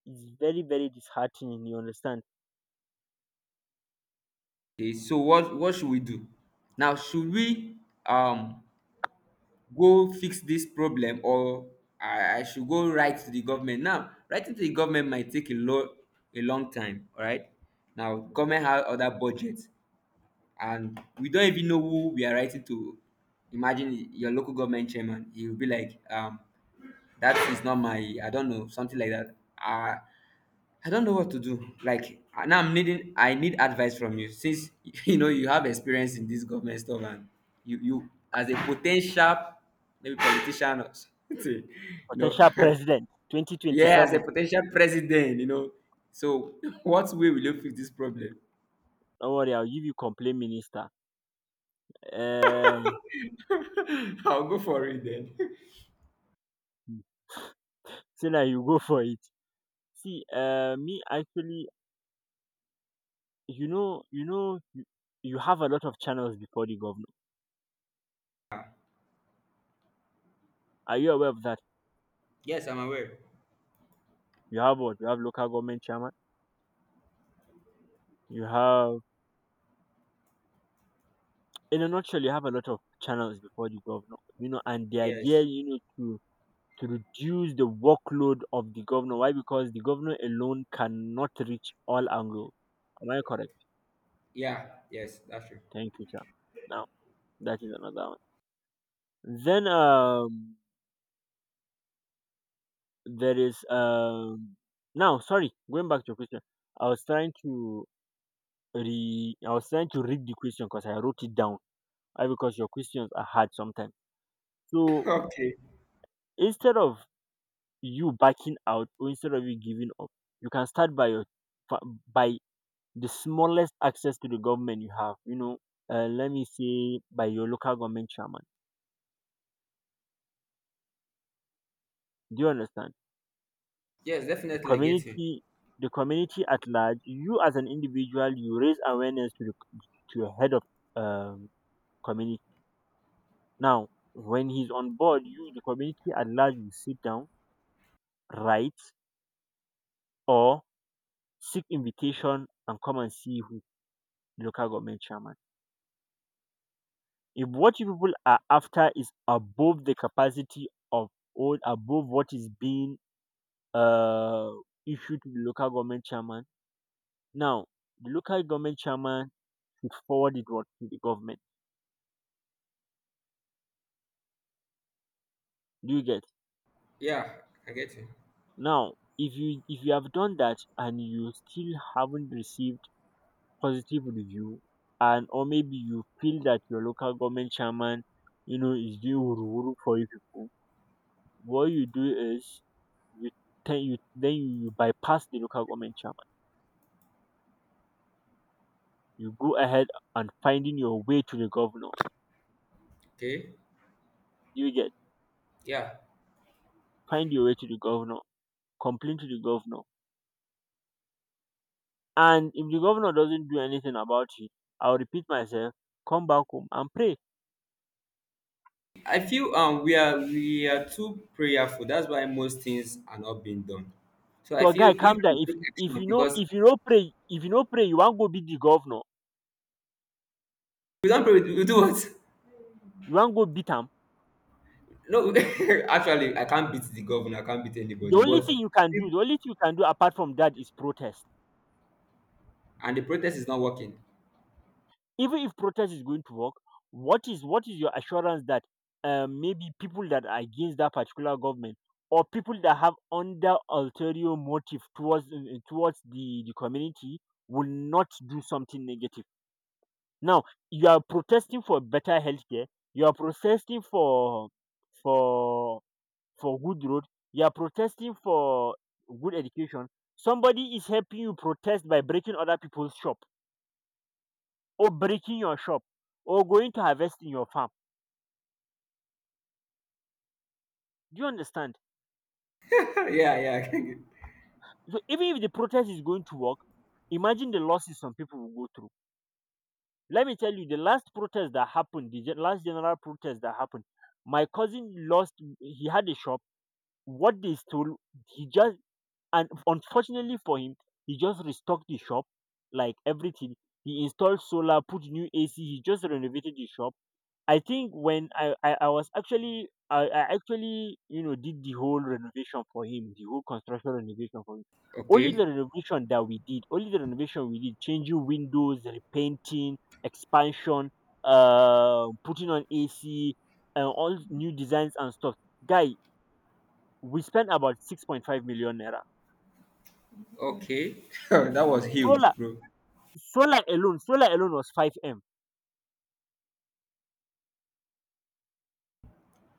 [SPEAKER 2] It's very, very disheartening. You understand?
[SPEAKER 1] Okay, so what should we do? Now, should we um go fix this problem, or I should go write to the government? Now, writing to the government might take a long time. All right. Now, government have other budget, and we don't even know who we are writing to. Imagine your local government chairman. He will be like, that is not my, I don't know, something like that. Uh, I don't know what to do. Like now, I need advice from you since you know you have experience in this government stuff, and you as a potential maybe politician or something, you know,
[SPEAKER 2] Potential president
[SPEAKER 1] yeah, as a
[SPEAKER 2] 2027.
[SPEAKER 1] potential president, you know. So, what way will you fix this problem?
[SPEAKER 2] Don't worry, I'll give you complaint minister. Uh,
[SPEAKER 1] I'll go for it then.
[SPEAKER 2] so now you go for it. See, me actually, you know, you know, you have a lot of channels before the governor. Are you aware of that?
[SPEAKER 1] Yes, I'm aware.
[SPEAKER 2] You have what? You have local government chairman. You have, in a nutshell, you have a lot of channels before the governor. You know, and the idea,
[SPEAKER 1] Yes.
[SPEAKER 2] you know, to reduce the workload of the governor. Why? Because the governor alone cannot reach all angles. Am I correct?
[SPEAKER 1] Yeah. Yes. That's true.
[SPEAKER 2] Thank you, sir. Now. That is another one. Then there is now sorry, going back to your question. I was trying to I was trying to read the question because I wrote it down. Why? Because your questions are hard sometimes. So
[SPEAKER 1] Okay.
[SPEAKER 2] instead of you backing out or instead of you giving up, you can start by your fa- by the smallest access to the government you have. You know, let me say by your local government chairman. Do you understand?
[SPEAKER 1] Yes, definitely I get you.
[SPEAKER 2] Community the community at large, you as an individual, you raise awareness to your head of um community. Now, when he's on board, you, the community at large, you sit down, write, or seek invitation and come and see who, the local government chairman. If what you people are after is above the capacity of, or above what is being uh issued to the local government chairman, now the local government chairman should forward it, what, to the government. Do you get?
[SPEAKER 1] Yeah, I get you.
[SPEAKER 2] Now, if you have done that and you still haven't received positive review, and or maybe you feel that your local government chairman, is doing wuru for you people, what you do is, you, then you bypass the local government chairman. You go ahead and finding your way to the governor.
[SPEAKER 1] Okay.
[SPEAKER 2] You get,
[SPEAKER 1] Yeah.
[SPEAKER 2] find your way to the governor, complain to the governor, and if the governor doesn't do anything about it, I'll repeat myself: come back home and pray.
[SPEAKER 1] I feel we are too prayerful. That's why most things are not being done. So I
[SPEAKER 2] So
[SPEAKER 1] feel
[SPEAKER 2] guy,
[SPEAKER 1] if
[SPEAKER 2] calm
[SPEAKER 1] we
[SPEAKER 2] down. if
[SPEAKER 1] take action
[SPEAKER 2] if you know,
[SPEAKER 1] because
[SPEAKER 2] if you no pray, you wan go beat the governor,
[SPEAKER 1] we don't pray, we do what?
[SPEAKER 2] you wan go beat am,
[SPEAKER 1] No, actually I can't beat the governor, I can't beat
[SPEAKER 2] the
[SPEAKER 1] anybody,
[SPEAKER 2] only
[SPEAKER 1] but
[SPEAKER 2] thing you
[SPEAKER 1] I
[SPEAKER 2] can do,
[SPEAKER 1] think
[SPEAKER 2] apart from that is protest.
[SPEAKER 1] and the protest is not working.
[SPEAKER 2] Even if protest is going to work, what is your assurance that maybe people that are against that particular government, or people that have under ulterior motive towards towards the community will not do something negative? Now, you are protesting for better healthcare, you are protesting for for good road, you are protesting for good education. Somebody is helping you protest by breaking other people's shop, or breaking your shop, or going to harvest in your farm. Do you understand?
[SPEAKER 1] Yeah, yeah.
[SPEAKER 2] So even if the protest is going to work, imagine the losses some people will go through. Let me tell you, the last protest that happened, the last general protest that happened, my cousin lost. He had a shop. What they stole, he just, and unfortunately for him, he just restocked the shop, like everything. He installed solar, put new AC, he just renovated the shop. I think when I was actually I actually did the whole renovation for him, the whole construction renovation for him. Only
[SPEAKER 1] okay.
[SPEAKER 2] the renovation that we did only the renovation we did changing windows, repainting, expansion, putting on AC, and all new designs and stuff. Guy, we spent about 6.5 million naira.
[SPEAKER 1] Okay. That was
[SPEAKER 2] solar
[SPEAKER 1] huge, bro.
[SPEAKER 2] solar alone solar alone was 5M.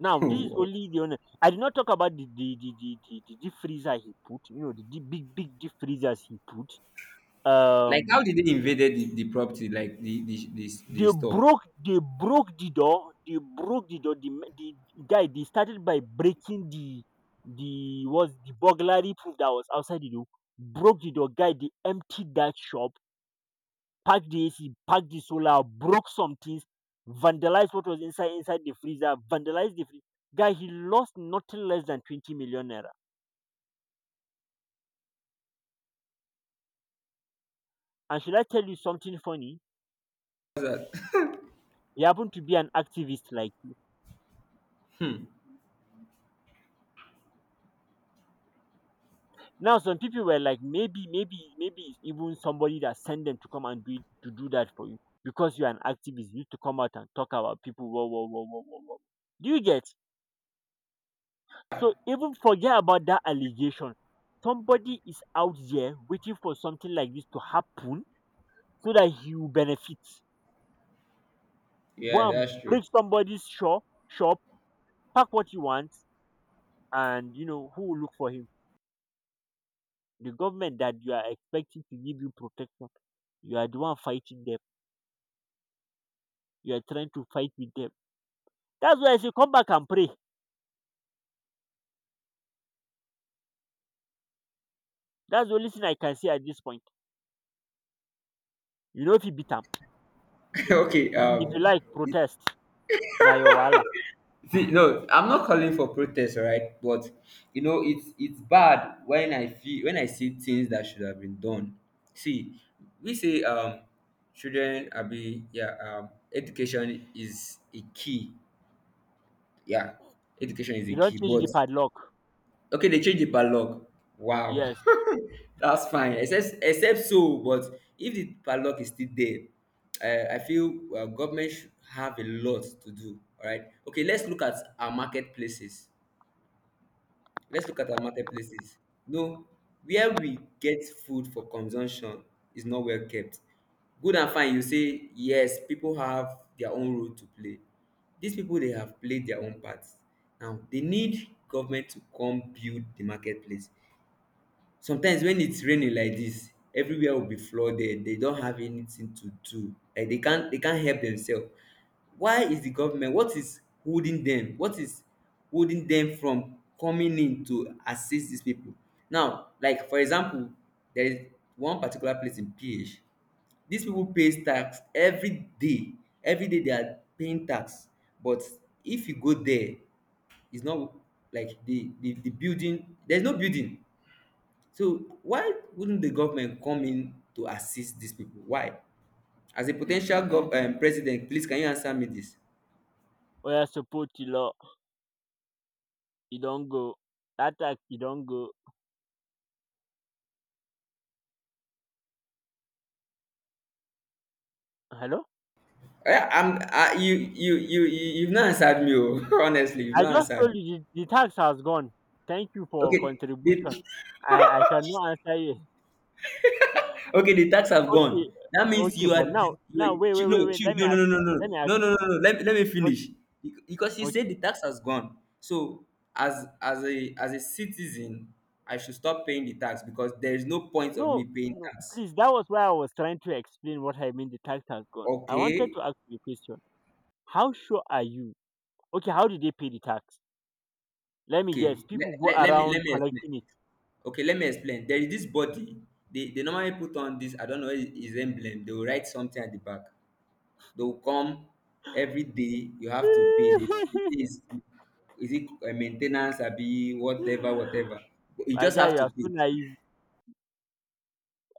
[SPEAKER 2] Now this is only, the only I did not talk about the deep freezer he put, the deep, big big deep freezers he put.
[SPEAKER 1] Like how
[SPEAKER 2] um
[SPEAKER 1] did they invaded the property, like the store?
[SPEAKER 2] they broke the door they broke the door the guy, they started by breaking the was the burglary proof that was outside the door, broke the door. Guy, they emptied that shop, packed the AC, packed the solar, broke some things, vandalized what was inside the freezer, vandalized the freezer. Guy, he lost nothing less than 20 million naira. And should I tell you something funny? He happened to be an activist like you. Now some people were like, maybe, maybe, maybe it's even somebody that sent them to come and do it, to do that for you, because you're an activist. You need to come out and talk about people. Whoa, whoa, whoa, whoa, whoa, whoa. Do you get? So even forget about that allegation. Somebody is out there waiting for something like this to happen so that he will benefit.
[SPEAKER 1] Yeah,
[SPEAKER 2] Go and
[SPEAKER 1] that's true.
[SPEAKER 2] break somebody's shop, pack what you want, and you know who will look for him. The government that you are expecting to give you protection, you are the one fighting them. You are trying to fight with them. That's why I say come back and pray. That's the only thing I can say at this point. You know if you beat am,
[SPEAKER 1] Okay,
[SPEAKER 2] if you like protest, na your wahala.
[SPEAKER 1] see, no, I'm not calling for protest, all right? But you know, it's bad when I feel when I see things that should have been done. See, we say children are be yeah, education is a key. Yeah, education is a
[SPEAKER 2] You don
[SPEAKER 1] key,
[SPEAKER 2] change the
[SPEAKER 1] but
[SPEAKER 2] padlock.
[SPEAKER 1] okay, they change the padlock. Wow,
[SPEAKER 2] Yes,
[SPEAKER 1] that's fine. Except, except so, but if the padlock is still there, I feel government should have a lot to do. All right. Okay, let's look at our marketplaces. Let's look at our marketplaces. No, where we get food for consumption is not well kept. Good and fine, you say yes. People have their own role to play. These people they have played their own parts. Now they need government to come build the marketplace. Sometimes when it's raining like this everywhere will be flooded. They don't have anything to do, like they can't help themselves. Why is the government, what is holding them, what is holding them from coming in to assist these people? Now like for example, there is one particular place in PH. These people pays tax every day. Every day they are paying tax, but if you go there, it's not like the building, there's no building. So why wouldn't the government come in to assist these people? Why? As a potential president, please can you answer me this?
[SPEAKER 2] oya support the law. You don go. Attack. Tax, you don go. Hello.
[SPEAKER 1] Oh, yeah, I'm. You've not answered me. Oh. Honestly, you've
[SPEAKER 2] I
[SPEAKER 1] not
[SPEAKER 2] just
[SPEAKER 1] answered
[SPEAKER 2] told
[SPEAKER 1] me.
[SPEAKER 2] you, the tax has gone. Thank you for
[SPEAKER 1] Okay, the,
[SPEAKER 2] contribution. I cannot answer you.
[SPEAKER 1] okay, the tax have
[SPEAKER 2] Okay,
[SPEAKER 1] gone. That means
[SPEAKER 2] okay,
[SPEAKER 1] you are.
[SPEAKER 2] but now
[SPEAKER 1] The- You
[SPEAKER 2] now
[SPEAKER 1] were,
[SPEAKER 2] wait,
[SPEAKER 1] chi-
[SPEAKER 2] wait, wait,
[SPEAKER 1] no,
[SPEAKER 2] wait.
[SPEAKER 1] chill.
[SPEAKER 2] Let me
[SPEAKER 1] No, no,
[SPEAKER 2] ask
[SPEAKER 1] no, no,
[SPEAKER 2] you.
[SPEAKER 1] no,
[SPEAKER 2] Let me ask.
[SPEAKER 1] no, no, no, no. Let, let
[SPEAKER 2] You.
[SPEAKER 1] me finish.
[SPEAKER 2] Okay,
[SPEAKER 1] Bec- Because you
[SPEAKER 2] okay.
[SPEAKER 1] said the tax has gone. So as as a citizen, I should stop paying the tax because there is no point of
[SPEAKER 2] No,
[SPEAKER 1] me paying
[SPEAKER 2] no,
[SPEAKER 1] tax.
[SPEAKER 2] please. That was why I was trying to explain what I mean. The tax has gone. I wanted to
[SPEAKER 1] Okay.
[SPEAKER 2] ask you a question. How sure are you? Okay, how did they pay the tax? Let me guess.
[SPEAKER 1] Okay,
[SPEAKER 2] People go
[SPEAKER 1] let
[SPEAKER 2] around
[SPEAKER 1] me explain.
[SPEAKER 2] collecting it.
[SPEAKER 1] Okay, let me explain. There is this body. They normally put on this, I don't know, it- it's emblem. They will write something at the back. They will come every day. You have to pay. They say is it maintenance, be whatever, whatever. But you
[SPEAKER 2] My
[SPEAKER 1] just
[SPEAKER 2] guy,
[SPEAKER 1] have
[SPEAKER 2] you
[SPEAKER 1] to
[SPEAKER 2] are so
[SPEAKER 1] pay.
[SPEAKER 2] naive.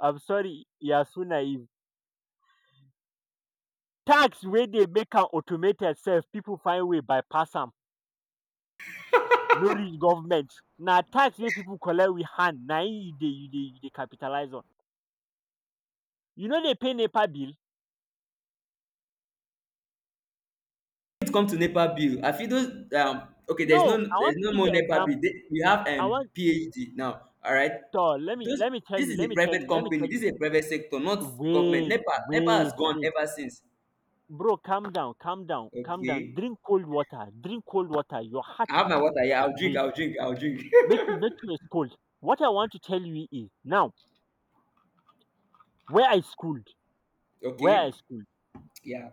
[SPEAKER 2] I'm sorry, you are so naive. Tax wey dey make am automated sef pipu find way bypass am, no reach government. Na tax wey pipu collect with hand na im you dey capitalise on. You no dey pay NEPA bill?
[SPEAKER 1] It come to NEPA bill. I feel those okay, there's no
[SPEAKER 2] No, I want to give
[SPEAKER 1] more
[SPEAKER 2] you
[SPEAKER 1] NEPA bill.
[SPEAKER 2] example,
[SPEAKER 1] They, we have
[SPEAKER 2] I want
[SPEAKER 1] PhD now. All right.
[SPEAKER 2] toor let me
[SPEAKER 1] Those
[SPEAKER 2] let me tell
[SPEAKER 1] this
[SPEAKER 2] you.
[SPEAKER 1] is a private company, this is a private sector, not government.
[SPEAKER 2] Wait,
[SPEAKER 1] NEPA has
[SPEAKER 2] wait,
[SPEAKER 1] gone
[SPEAKER 2] wait,
[SPEAKER 1] ever since.
[SPEAKER 2] bro, calm down, calm down, calm down,
[SPEAKER 1] Okay.
[SPEAKER 2] drink cold water, drink cold water, your heart
[SPEAKER 1] I have
[SPEAKER 2] is
[SPEAKER 1] my water. Yeah,
[SPEAKER 2] is
[SPEAKER 1] I'll drink.
[SPEAKER 2] real,
[SPEAKER 1] I'll drink. I'll drink.
[SPEAKER 2] make you dey cold. What I want to tell you is now, where I schooled where I
[SPEAKER 1] Okay.
[SPEAKER 2] schooled
[SPEAKER 1] Yeah.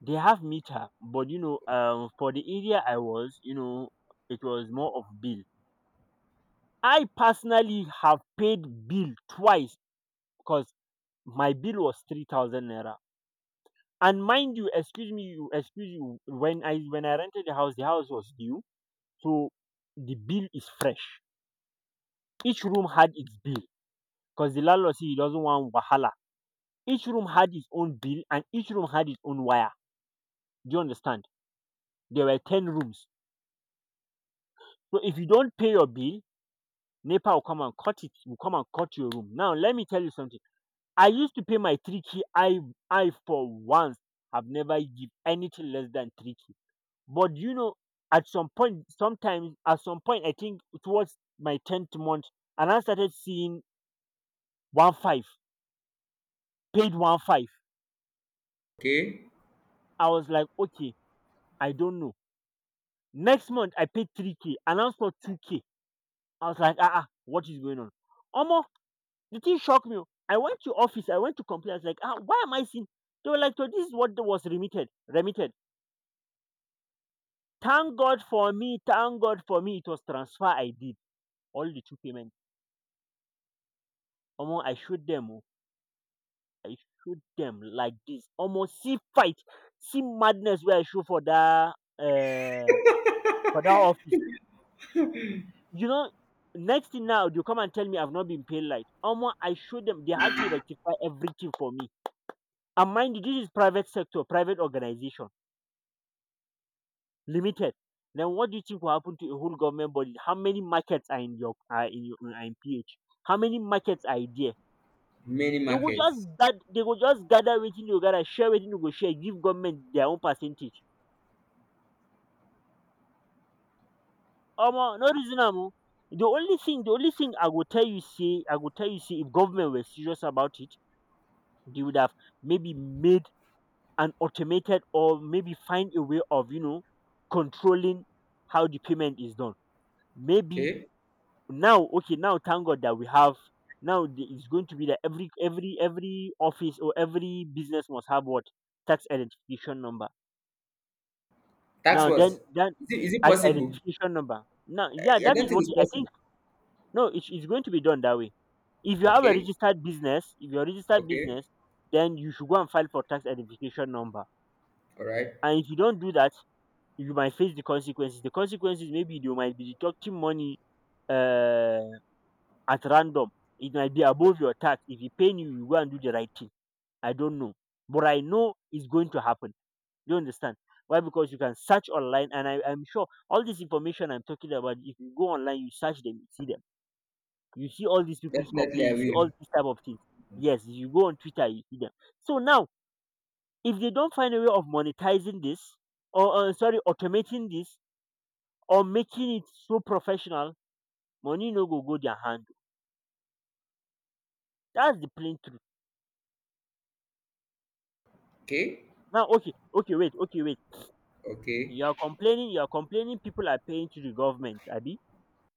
[SPEAKER 2] they have meter, but for the area I was, it was more of bill. I personally have paid bill twice because my bill was 3,000 naira. And mind you, excuse me, you excuse you, when I rented the house was new, so the bill is fresh. Each room had its bill because the landlord, see, he doesn't want wahala. Each room had its own bill and each room had its own wire. Do you understand? There were 10 rooms. So if you don't pay your bill, NEPA will come and cut it, will come and cut your room. Now, let me tell you something. I used to pay my 3K. I for once have never give anything less than 3K. But at some point, I think towards my 10th month, and I started seeing 1 5, paid 1 5.
[SPEAKER 1] Okay.
[SPEAKER 2] I was like, okay, I don't know. Next month, I paid 3K, announced for 2K. I was like, ah, what is going on? Almost. The thing shocked me. Oh. I went to office. I went to complain. I was like, ah, why am I seeing? They were like, so this is what was remitted. Remitted. Thank God for me. Thank God for me. It was transfer I did. All the two payments. Almost. I showed them. Oh. I showed them like this. Almost see fight, see madness where I show for that office. You know, next thing now, you come and tell me I've not been paid, like almost I showed them, they had to rectify everything for me. And mind you, this is private sector, private organization limited. Then what do you think will happen to a whole government body? How many markets are in your are in PH? How many markets are there?
[SPEAKER 1] Many
[SPEAKER 2] They will just
[SPEAKER 1] markets.
[SPEAKER 2] gather, they will just gather, within you gather, share, within you go share, give government their own percentage. Omo, no reason am o. The only thing I go tell you say, if government were serious about it, they would have maybe made an automated, or maybe find a way of controlling how the payment is done. Maybe
[SPEAKER 1] Okay.
[SPEAKER 2] now, okay, now, thank God that we have now, it's going to be that every office or every business must have what, tax identification number.
[SPEAKER 1] Tax
[SPEAKER 2] Now
[SPEAKER 1] what?
[SPEAKER 2] then that,
[SPEAKER 1] Is it possible?
[SPEAKER 2] identification number, now, yeah,
[SPEAKER 1] I
[SPEAKER 2] that
[SPEAKER 1] don't
[SPEAKER 2] is
[SPEAKER 1] think
[SPEAKER 2] what
[SPEAKER 1] it's
[SPEAKER 2] I think.
[SPEAKER 1] possible.
[SPEAKER 2] No, it's going to be done that way. If you have a
[SPEAKER 1] Okay.
[SPEAKER 2] registered business If you're a registered
[SPEAKER 1] Okay.
[SPEAKER 2] business, then you should go and file for tax identification number.
[SPEAKER 1] All right.
[SPEAKER 2] And if you don't do that, you might face the consequences. The consequences, maybe you might be deducting money uh at random. It might be above your tax. If he paying you, you go and do the right thing. I don't know. But I know it's going to happen. Do you understand? Why? Because you can search online, and I'm sure all this information I'm talking about, if you go online, you search them. You see all these people's
[SPEAKER 1] Definitely I
[SPEAKER 2] complaints, you see all
[SPEAKER 1] will.
[SPEAKER 2] these type of things. Yes, you go on Twitter, you see them. So now, if they don't find a way of monetizing this, or sorry, automating this, or making it so professional, money no go their hand. That's the plain truth.
[SPEAKER 1] Okay.
[SPEAKER 2] Now, okay, okay, wait, okay, wait.
[SPEAKER 1] Okay.
[SPEAKER 2] You are complaining people are paying to the government, Abi.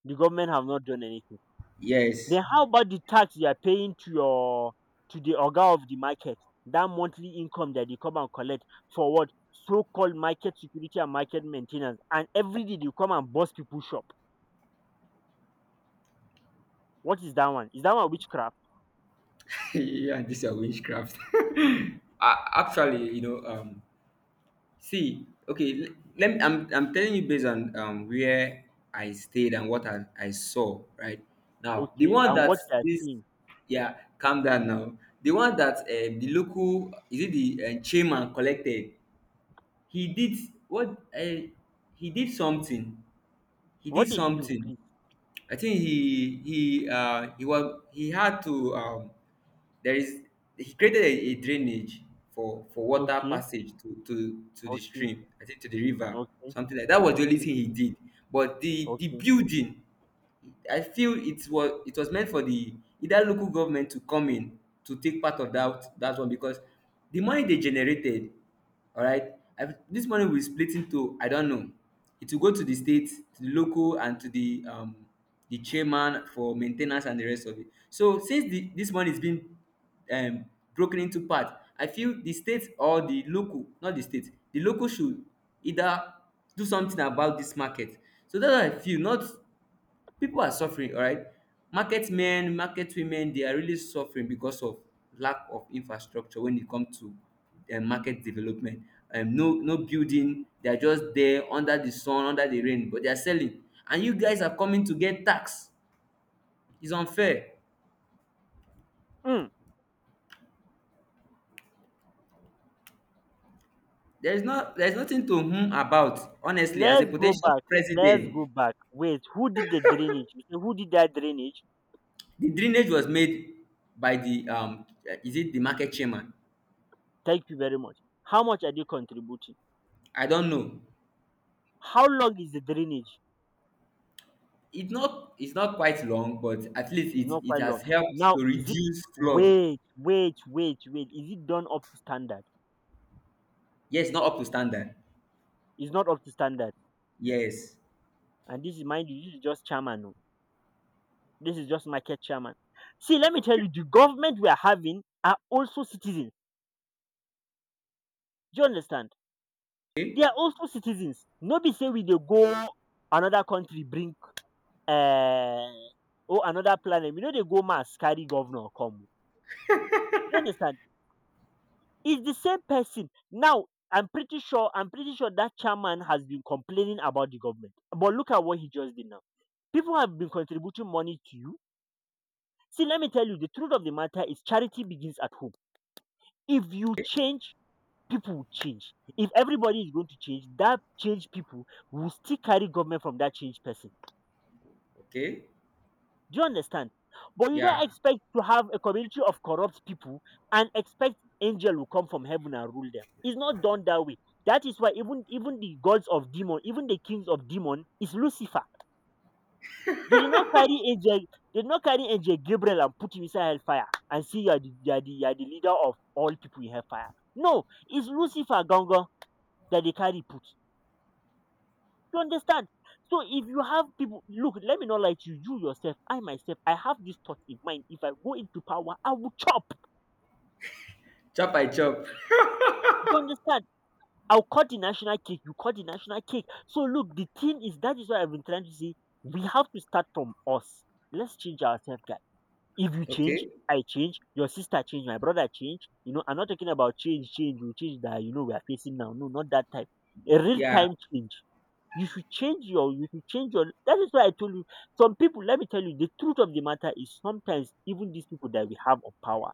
[SPEAKER 2] The government have not done anything.
[SPEAKER 1] Yes.
[SPEAKER 2] Then how about the tax you are paying to the organ of the market? That monthly income that they come and collect for what? So called market security and market maintenance. And every day you come and bust people's shop. What is that one? Is that one witchcraft?
[SPEAKER 1] Yeah, this is witchcraft. I, actually, you know, see, okay, l- let me, I'm telling you based on where I stayed and what I saw, right? Now, the
[SPEAKER 2] Okay.
[SPEAKER 1] one
[SPEAKER 2] And
[SPEAKER 1] that
[SPEAKER 2] what you are
[SPEAKER 1] this
[SPEAKER 2] seeing?
[SPEAKER 1] yeah, calm down now. The one that the local is it the chairman collected. He did what uh, he did something. He did
[SPEAKER 2] What did he do,
[SPEAKER 1] something.
[SPEAKER 2] please?
[SPEAKER 1] I think he was he had to there is he created a drainage for water
[SPEAKER 2] Okay.
[SPEAKER 1] passage to the
[SPEAKER 2] Okay.
[SPEAKER 1] stream, I think to the river,
[SPEAKER 2] Okay.
[SPEAKER 1] something like that. Was the only
[SPEAKER 2] Okay.
[SPEAKER 1] thing he did, but the
[SPEAKER 2] Okay.
[SPEAKER 1] building I feel it was meant for the either local government to come in to take part of that that one because the money they generated, all right. I've, this money will be split into I don't know. It will go to the state, to the local, and to the chairman for maintenance and the rest of it. So since the, this money is being um broken into part, I feel the state or the local, not the state, the local should either do something about this market. So that's what I feel. Not people are suffering, all right, market men market women they are really suffering because of lack of infrastructure when it comes to market development, no no building, they are just there under the sun under the rain, but they are selling and you guys are coming to get tax, it's unfair.
[SPEAKER 2] Mm.
[SPEAKER 1] There is not, there is nothing to hum about, honestly, as a
[SPEAKER 2] Let's go
[SPEAKER 1] potential
[SPEAKER 2] back.
[SPEAKER 1] president.
[SPEAKER 2] Wait, who did the drainage? Who did that drainage?
[SPEAKER 1] The drainage was made by the is it the market chairman.
[SPEAKER 2] Thank you very much. How much are they contributing?
[SPEAKER 1] I don't know.
[SPEAKER 2] How long is the drainage?
[SPEAKER 1] It's not it's not quite long, but at least
[SPEAKER 2] It's not
[SPEAKER 1] it it
[SPEAKER 2] quite long.
[SPEAKER 1] has helped
[SPEAKER 2] Now,
[SPEAKER 1] to
[SPEAKER 2] is it
[SPEAKER 1] reduce flood.
[SPEAKER 2] wait? Is it done up to standard?
[SPEAKER 1] Yes, not up to standard.
[SPEAKER 2] It's not up to standard.
[SPEAKER 1] Yes.
[SPEAKER 2] And this is, mind you, this is just chairman, oh. This is just market chairman. See, let me tell you, the government we are having are also citizens. Do you understand? They
[SPEAKER 1] Okay.
[SPEAKER 2] are also citizens. Nobody say we they go another country bring um or another planet, we know they go Mars carry governor come oh. You understand? It's the same person. Now I'm pretty sure that chairman has been complaining about the government. But look at what he just did now. People have been contributing money to you. See, let me tell you, the truth of the matter is charity begins at home. If you change, people will change. If everybody is going to change, that change people will still carry government from that change person.
[SPEAKER 1] Okay.
[SPEAKER 2] Do you understand? But you don't
[SPEAKER 1] Yeah.
[SPEAKER 2] expect to have a community of corrupt people and expect angel will come from heaven and rule them. It's not done that way. That is why even the gods of demon, even the kings of demon, is Lucifer. They did not carry angel. They did not carry angel Gabriel and put him inside hellfire and see you are the leader of all people in hellfire. No, it's Lucifer Gongo that they carry put. You understand? So if you have people, look, let me not lie to you, you yourself, I myself, I have this thought in mind. If I go into power, I will chop.
[SPEAKER 1] Chop by chop.
[SPEAKER 2] You understand? I'll cut the national cake. You cut the national cake. So look, the thing is that is what I've been trying to say. We have to start from us. Let's change ourselves, guys. If you change,
[SPEAKER 1] Okay.
[SPEAKER 2] I change. Your sister change. My brother change. You know, I'm not talking about change, change. You change that you know we are facing now. No, not that type. A real
[SPEAKER 1] Yeah.
[SPEAKER 2] time change. You should change your you should change your that is why I told you some people, let me tell you the truth of the matter is sometimes even these people that we have on power,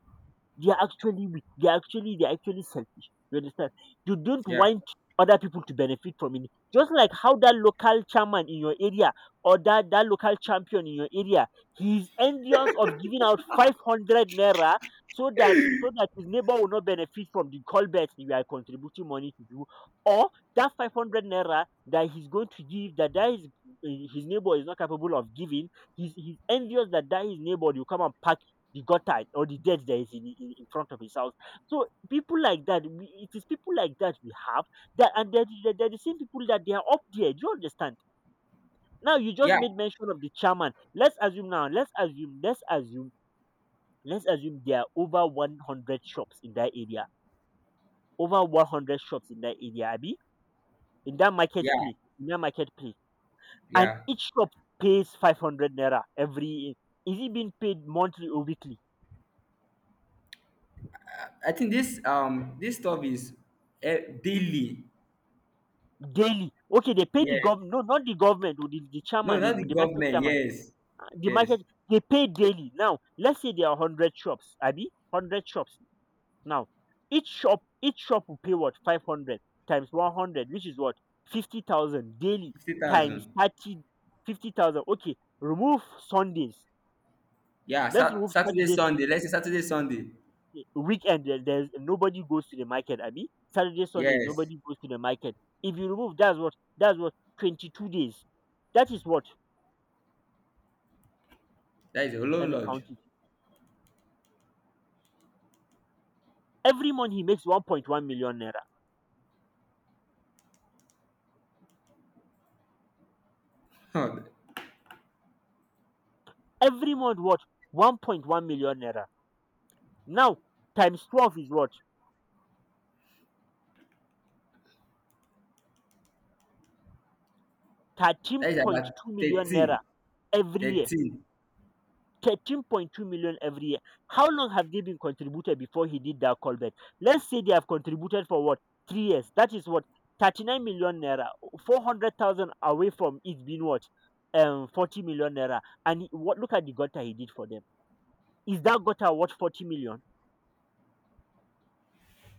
[SPEAKER 2] they're actually weak. They're actually selfish. You understand? You don't
[SPEAKER 1] Yeah.
[SPEAKER 2] want other people to benefit from it. Just like how that local chairman in your area or that local champion in your area, he's envious of giving out 500 naira so that his neighbor will not benefit from the colbert you are contributing money to do, or that 500 naira that he's going to give, that that is his neighbor is not capable of giving. He's envious that his neighbor will come and pack the gutter or the dead that is in, front of his house. So people like that, we, it is people like that we have that, and they're the same people that they are up there. Do you understand? Now you just
[SPEAKER 1] Yeah.
[SPEAKER 2] made mention of the chairman. Let's assume now. Let's assume there are over 100 shops in that area. Over 100 shops in that area, Abi,
[SPEAKER 1] Yeah.
[SPEAKER 2] in that marketplace, and
[SPEAKER 1] Yeah.
[SPEAKER 2] each shop pays 500 naira every. Is it being paid monthly or weekly?
[SPEAKER 1] I think this this stuff is uh, daily.
[SPEAKER 2] Daily. Okay, they pay the
[SPEAKER 1] Yes.
[SPEAKER 2] government, no, not the government, oh, the
[SPEAKER 1] No,
[SPEAKER 2] chairman,
[SPEAKER 1] not the
[SPEAKER 2] the market
[SPEAKER 1] government.
[SPEAKER 2] chairman,
[SPEAKER 1] Yes.
[SPEAKER 2] the
[SPEAKER 1] Yes.
[SPEAKER 2] market, they pay daily. Now, let's say there are 100 shops, Abi, 100 shops. Now, each shop will pay what? 500 times 100, which is what? 50,000 daily
[SPEAKER 1] Fifty
[SPEAKER 2] times
[SPEAKER 1] thousand.
[SPEAKER 2] 30, 50,000. Okay, remove Sundays.
[SPEAKER 1] Yeah.
[SPEAKER 2] Let's
[SPEAKER 1] Sa-
[SPEAKER 2] remove
[SPEAKER 1] Saturday
[SPEAKER 2] Saturday
[SPEAKER 1] Sunday. Let's say Saturday Sunday.
[SPEAKER 2] weekend. There's nobody goes to the market, Abi. Saturday, Sundays,
[SPEAKER 1] Yes.
[SPEAKER 2] nobody goes to the market. If you remove, that's what, 22 days. That is what,
[SPEAKER 1] That is a
[SPEAKER 2] let
[SPEAKER 1] loan
[SPEAKER 2] me
[SPEAKER 1] lodge.
[SPEAKER 2] count it. Every month he makes 1.1 million naira.
[SPEAKER 1] That
[SPEAKER 2] Every month what? 1.1 million naira. Now times 12 is what?
[SPEAKER 1] is about
[SPEAKER 2] 13.2 million
[SPEAKER 1] 13.
[SPEAKER 2] naira every year.
[SPEAKER 1] 13,
[SPEAKER 2] 13.2 million every year. How long have they been contributed before he did that callback? Let's say they have contributed for what? 3 years. That is what? 39 million naira. 400,000 away from it being what? 40 million naira. And he- what? Look at the gutter he did for them. Is that gutter what, 40 million?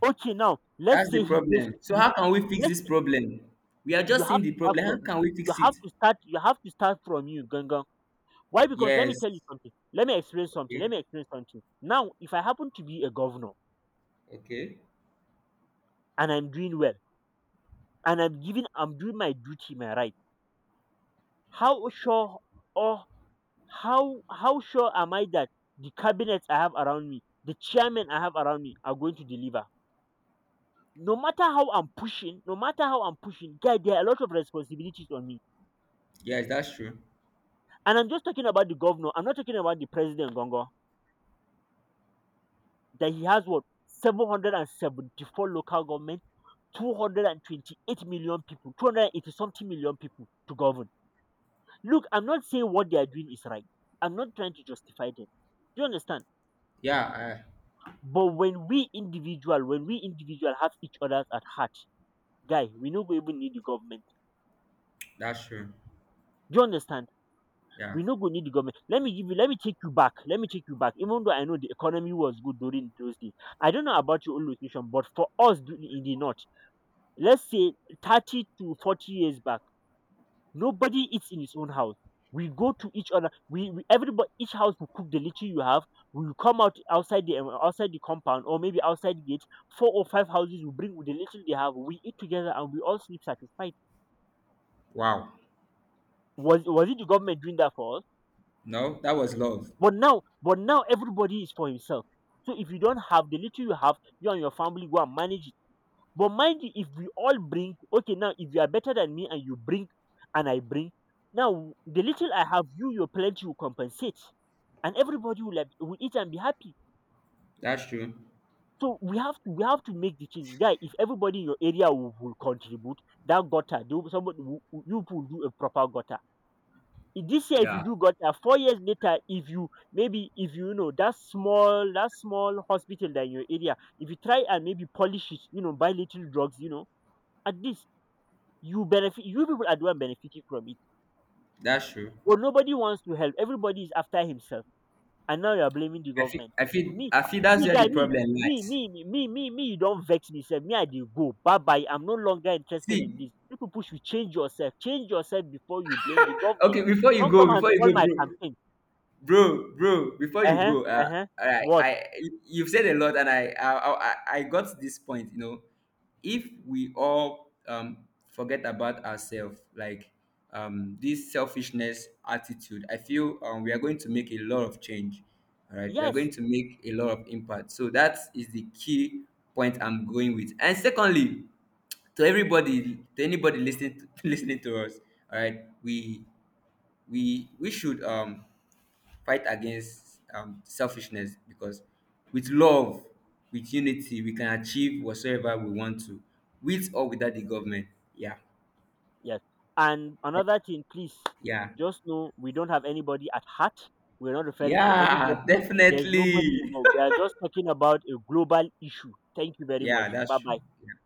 [SPEAKER 2] Okay, now let's
[SPEAKER 1] that's the
[SPEAKER 2] say he pays
[SPEAKER 1] problem, so
[SPEAKER 2] security.
[SPEAKER 1] how can we fix
[SPEAKER 2] Let's
[SPEAKER 1] this
[SPEAKER 2] say
[SPEAKER 1] problem? We are
[SPEAKER 2] you
[SPEAKER 1] just
[SPEAKER 2] have
[SPEAKER 1] seeing
[SPEAKER 2] to
[SPEAKER 1] the
[SPEAKER 2] start
[SPEAKER 1] problem,
[SPEAKER 2] from
[SPEAKER 1] how can we
[SPEAKER 2] you
[SPEAKER 1] fix
[SPEAKER 2] have
[SPEAKER 1] it?
[SPEAKER 2] to start you have to start from you, Gangan. Why? Because let me
[SPEAKER 1] Yes.
[SPEAKER 2] tell you something. Let
[SPEAKER 1] Okay.
[SPEAKER 2] me explain something. Now, if I happen to be a governor
[SPEAKER 1] Okay.
[SPEAKER 2] and I'm doing well and I'm doing my duty, my right, how sure or how sure am I that the cabinet I have around me, the chairman I have around me are going to deliver? No matter how I'm pushing, no matter how I'm pushing, guy, there are a lot of responsibilities on me.
[SPEAKER 1] Yes, that's true.
[SPEAKER 2] And I'm just talking about the governor. I'm not talking about the president, Gongo. That he has what, 774 local government, 228 million people, 280 something million people to govern. Look, I'm not saying what they are doing is right. I'm not trying to justify them. Do you understand?
[SPEAKER 1] Yeah,
[SPEAKER 2] But when we individual have each other at heart, guy, we no go even need the government.
[SPEAKER 1] that's true.
[SPEAKER 2] Do you understand?
[SPEAKER 1] Yeah.
[SPEAKER 2] We no go need the government. Let me give you, let me take you back. Even though I know the economy was good during those days. I don't know about your own location, but for us do- in the north, let's say 30 to 40 years back, nobody eats in his own house. We go to each other. We everybody each house will cook the little you have. We will come out outside the compound or maybe outside the gate. Four or five houses will bring the little they have. We eat together and we all sleep satisfied.
[SPEAKER 1] Wow.
[SPEAKER 2] Was it the government doing that for us?
[SPEAKER 1] No, that was love.
[SPEAKER 2] But now everybody is for himself. So if you don't have the little you have, you and your family go and manage it. But mind you, if we all bring, okay, now if you are better than me and you bring, and I bring, now the little I have, you your plenty will compensate, and everybody will have, will eat and be happy.
[SPEAKER 1] That's true.
[SPEAKER 2] So we have to make the change, guy. If everybody in your area will contribute, that gutter, they will- somebody will- you will do a proper gutter. If this year if you
[SPEAKER 1] Yeah,
[SPEAKER 2] do gutter, 4 years later, if you maybe if you, you know, that small hospital that in your area, if you try and maybe polish it, you know, buy little drugs, you know, at least you people are the one benefiting from it.
[SPEAKER 1] that's true.
[SPEAKER 2] But nobody wants to help. Everybody is after himself. And now you're blaming the
[SPEAKER 1] I feel
[SPEAKER 2] government.
[SPEAKER 1] i feel
[SPEAKER 2] Me,
[SPEAKER 1] i feel that's
[SPEAKER 2] see
[SPEAKER 1] where the
[SPEAKER 2] guy, me,
[SPEAKER 1] problem
[SPEAKER 2] me,
[SPEAKER 1] lies.
[SPEAKER 2] me, me, me, me, me, you don't vex me, sir. Me, I dey go. Bye bye. I'm no longer interested
[SPEAKER 1] See,
[SPEAKER 2] in this. You people should change yourself. Change yourself before you blame the government.
[SPEAKER 1] okay, before you
[SPEAKER 2] Don't come
[SPEAKER 1] go,
[SPEAKER 2] and
[SPEAKER 1] before you
[SPEAKER 2] spoil my
[SPEAKER 1] go,
[SPEAKER 2] campaign.
[SPEAKER 1] bro. Bro, bro, before you
[SPEAKER 2] Uh-huh,
[SPEAKER 1] go,
[SPEAKER 2] uh-huh.
[SPEAKER 1] i
[SPEAKER 2] What?
[SPEAKER 1] i you've said a lot, and I got to this point, you know, if we all forget about ourselves, like this selfishness attitude, I feel we are going to make a lot of change, all right, we are going
[SPEAKER 2] Yes,
[SPEAKER 1] to make a lot of impact, so that is the key point I'm going with. And secondly, to everybody, to anybody listening to, listening to us, all right, we should fight against selfishness because with love, with unity, we can achieve whatsoever we want to, with or without the government. Yeah,
[SPEAKER 2] yes. And another thing, please,
[SPEAKER 1] yeah,
[SPEAKER 2] just know we don't have anybody at heart. We're not referring to
[SPEAKER 1] yeah,
[SPEAKER 2] anybody. There's nobody
[SPEAKER 1] definitely.
[SPEAKER 2] involved. We are just talking about a global issue. Thank you very
[SPEAKER 1] Yeah,
[SPEAKER 2] much.
[SPEAKER 1] that's
[SPEAKER 2] Bye bye.
[SPEAKER 1] true.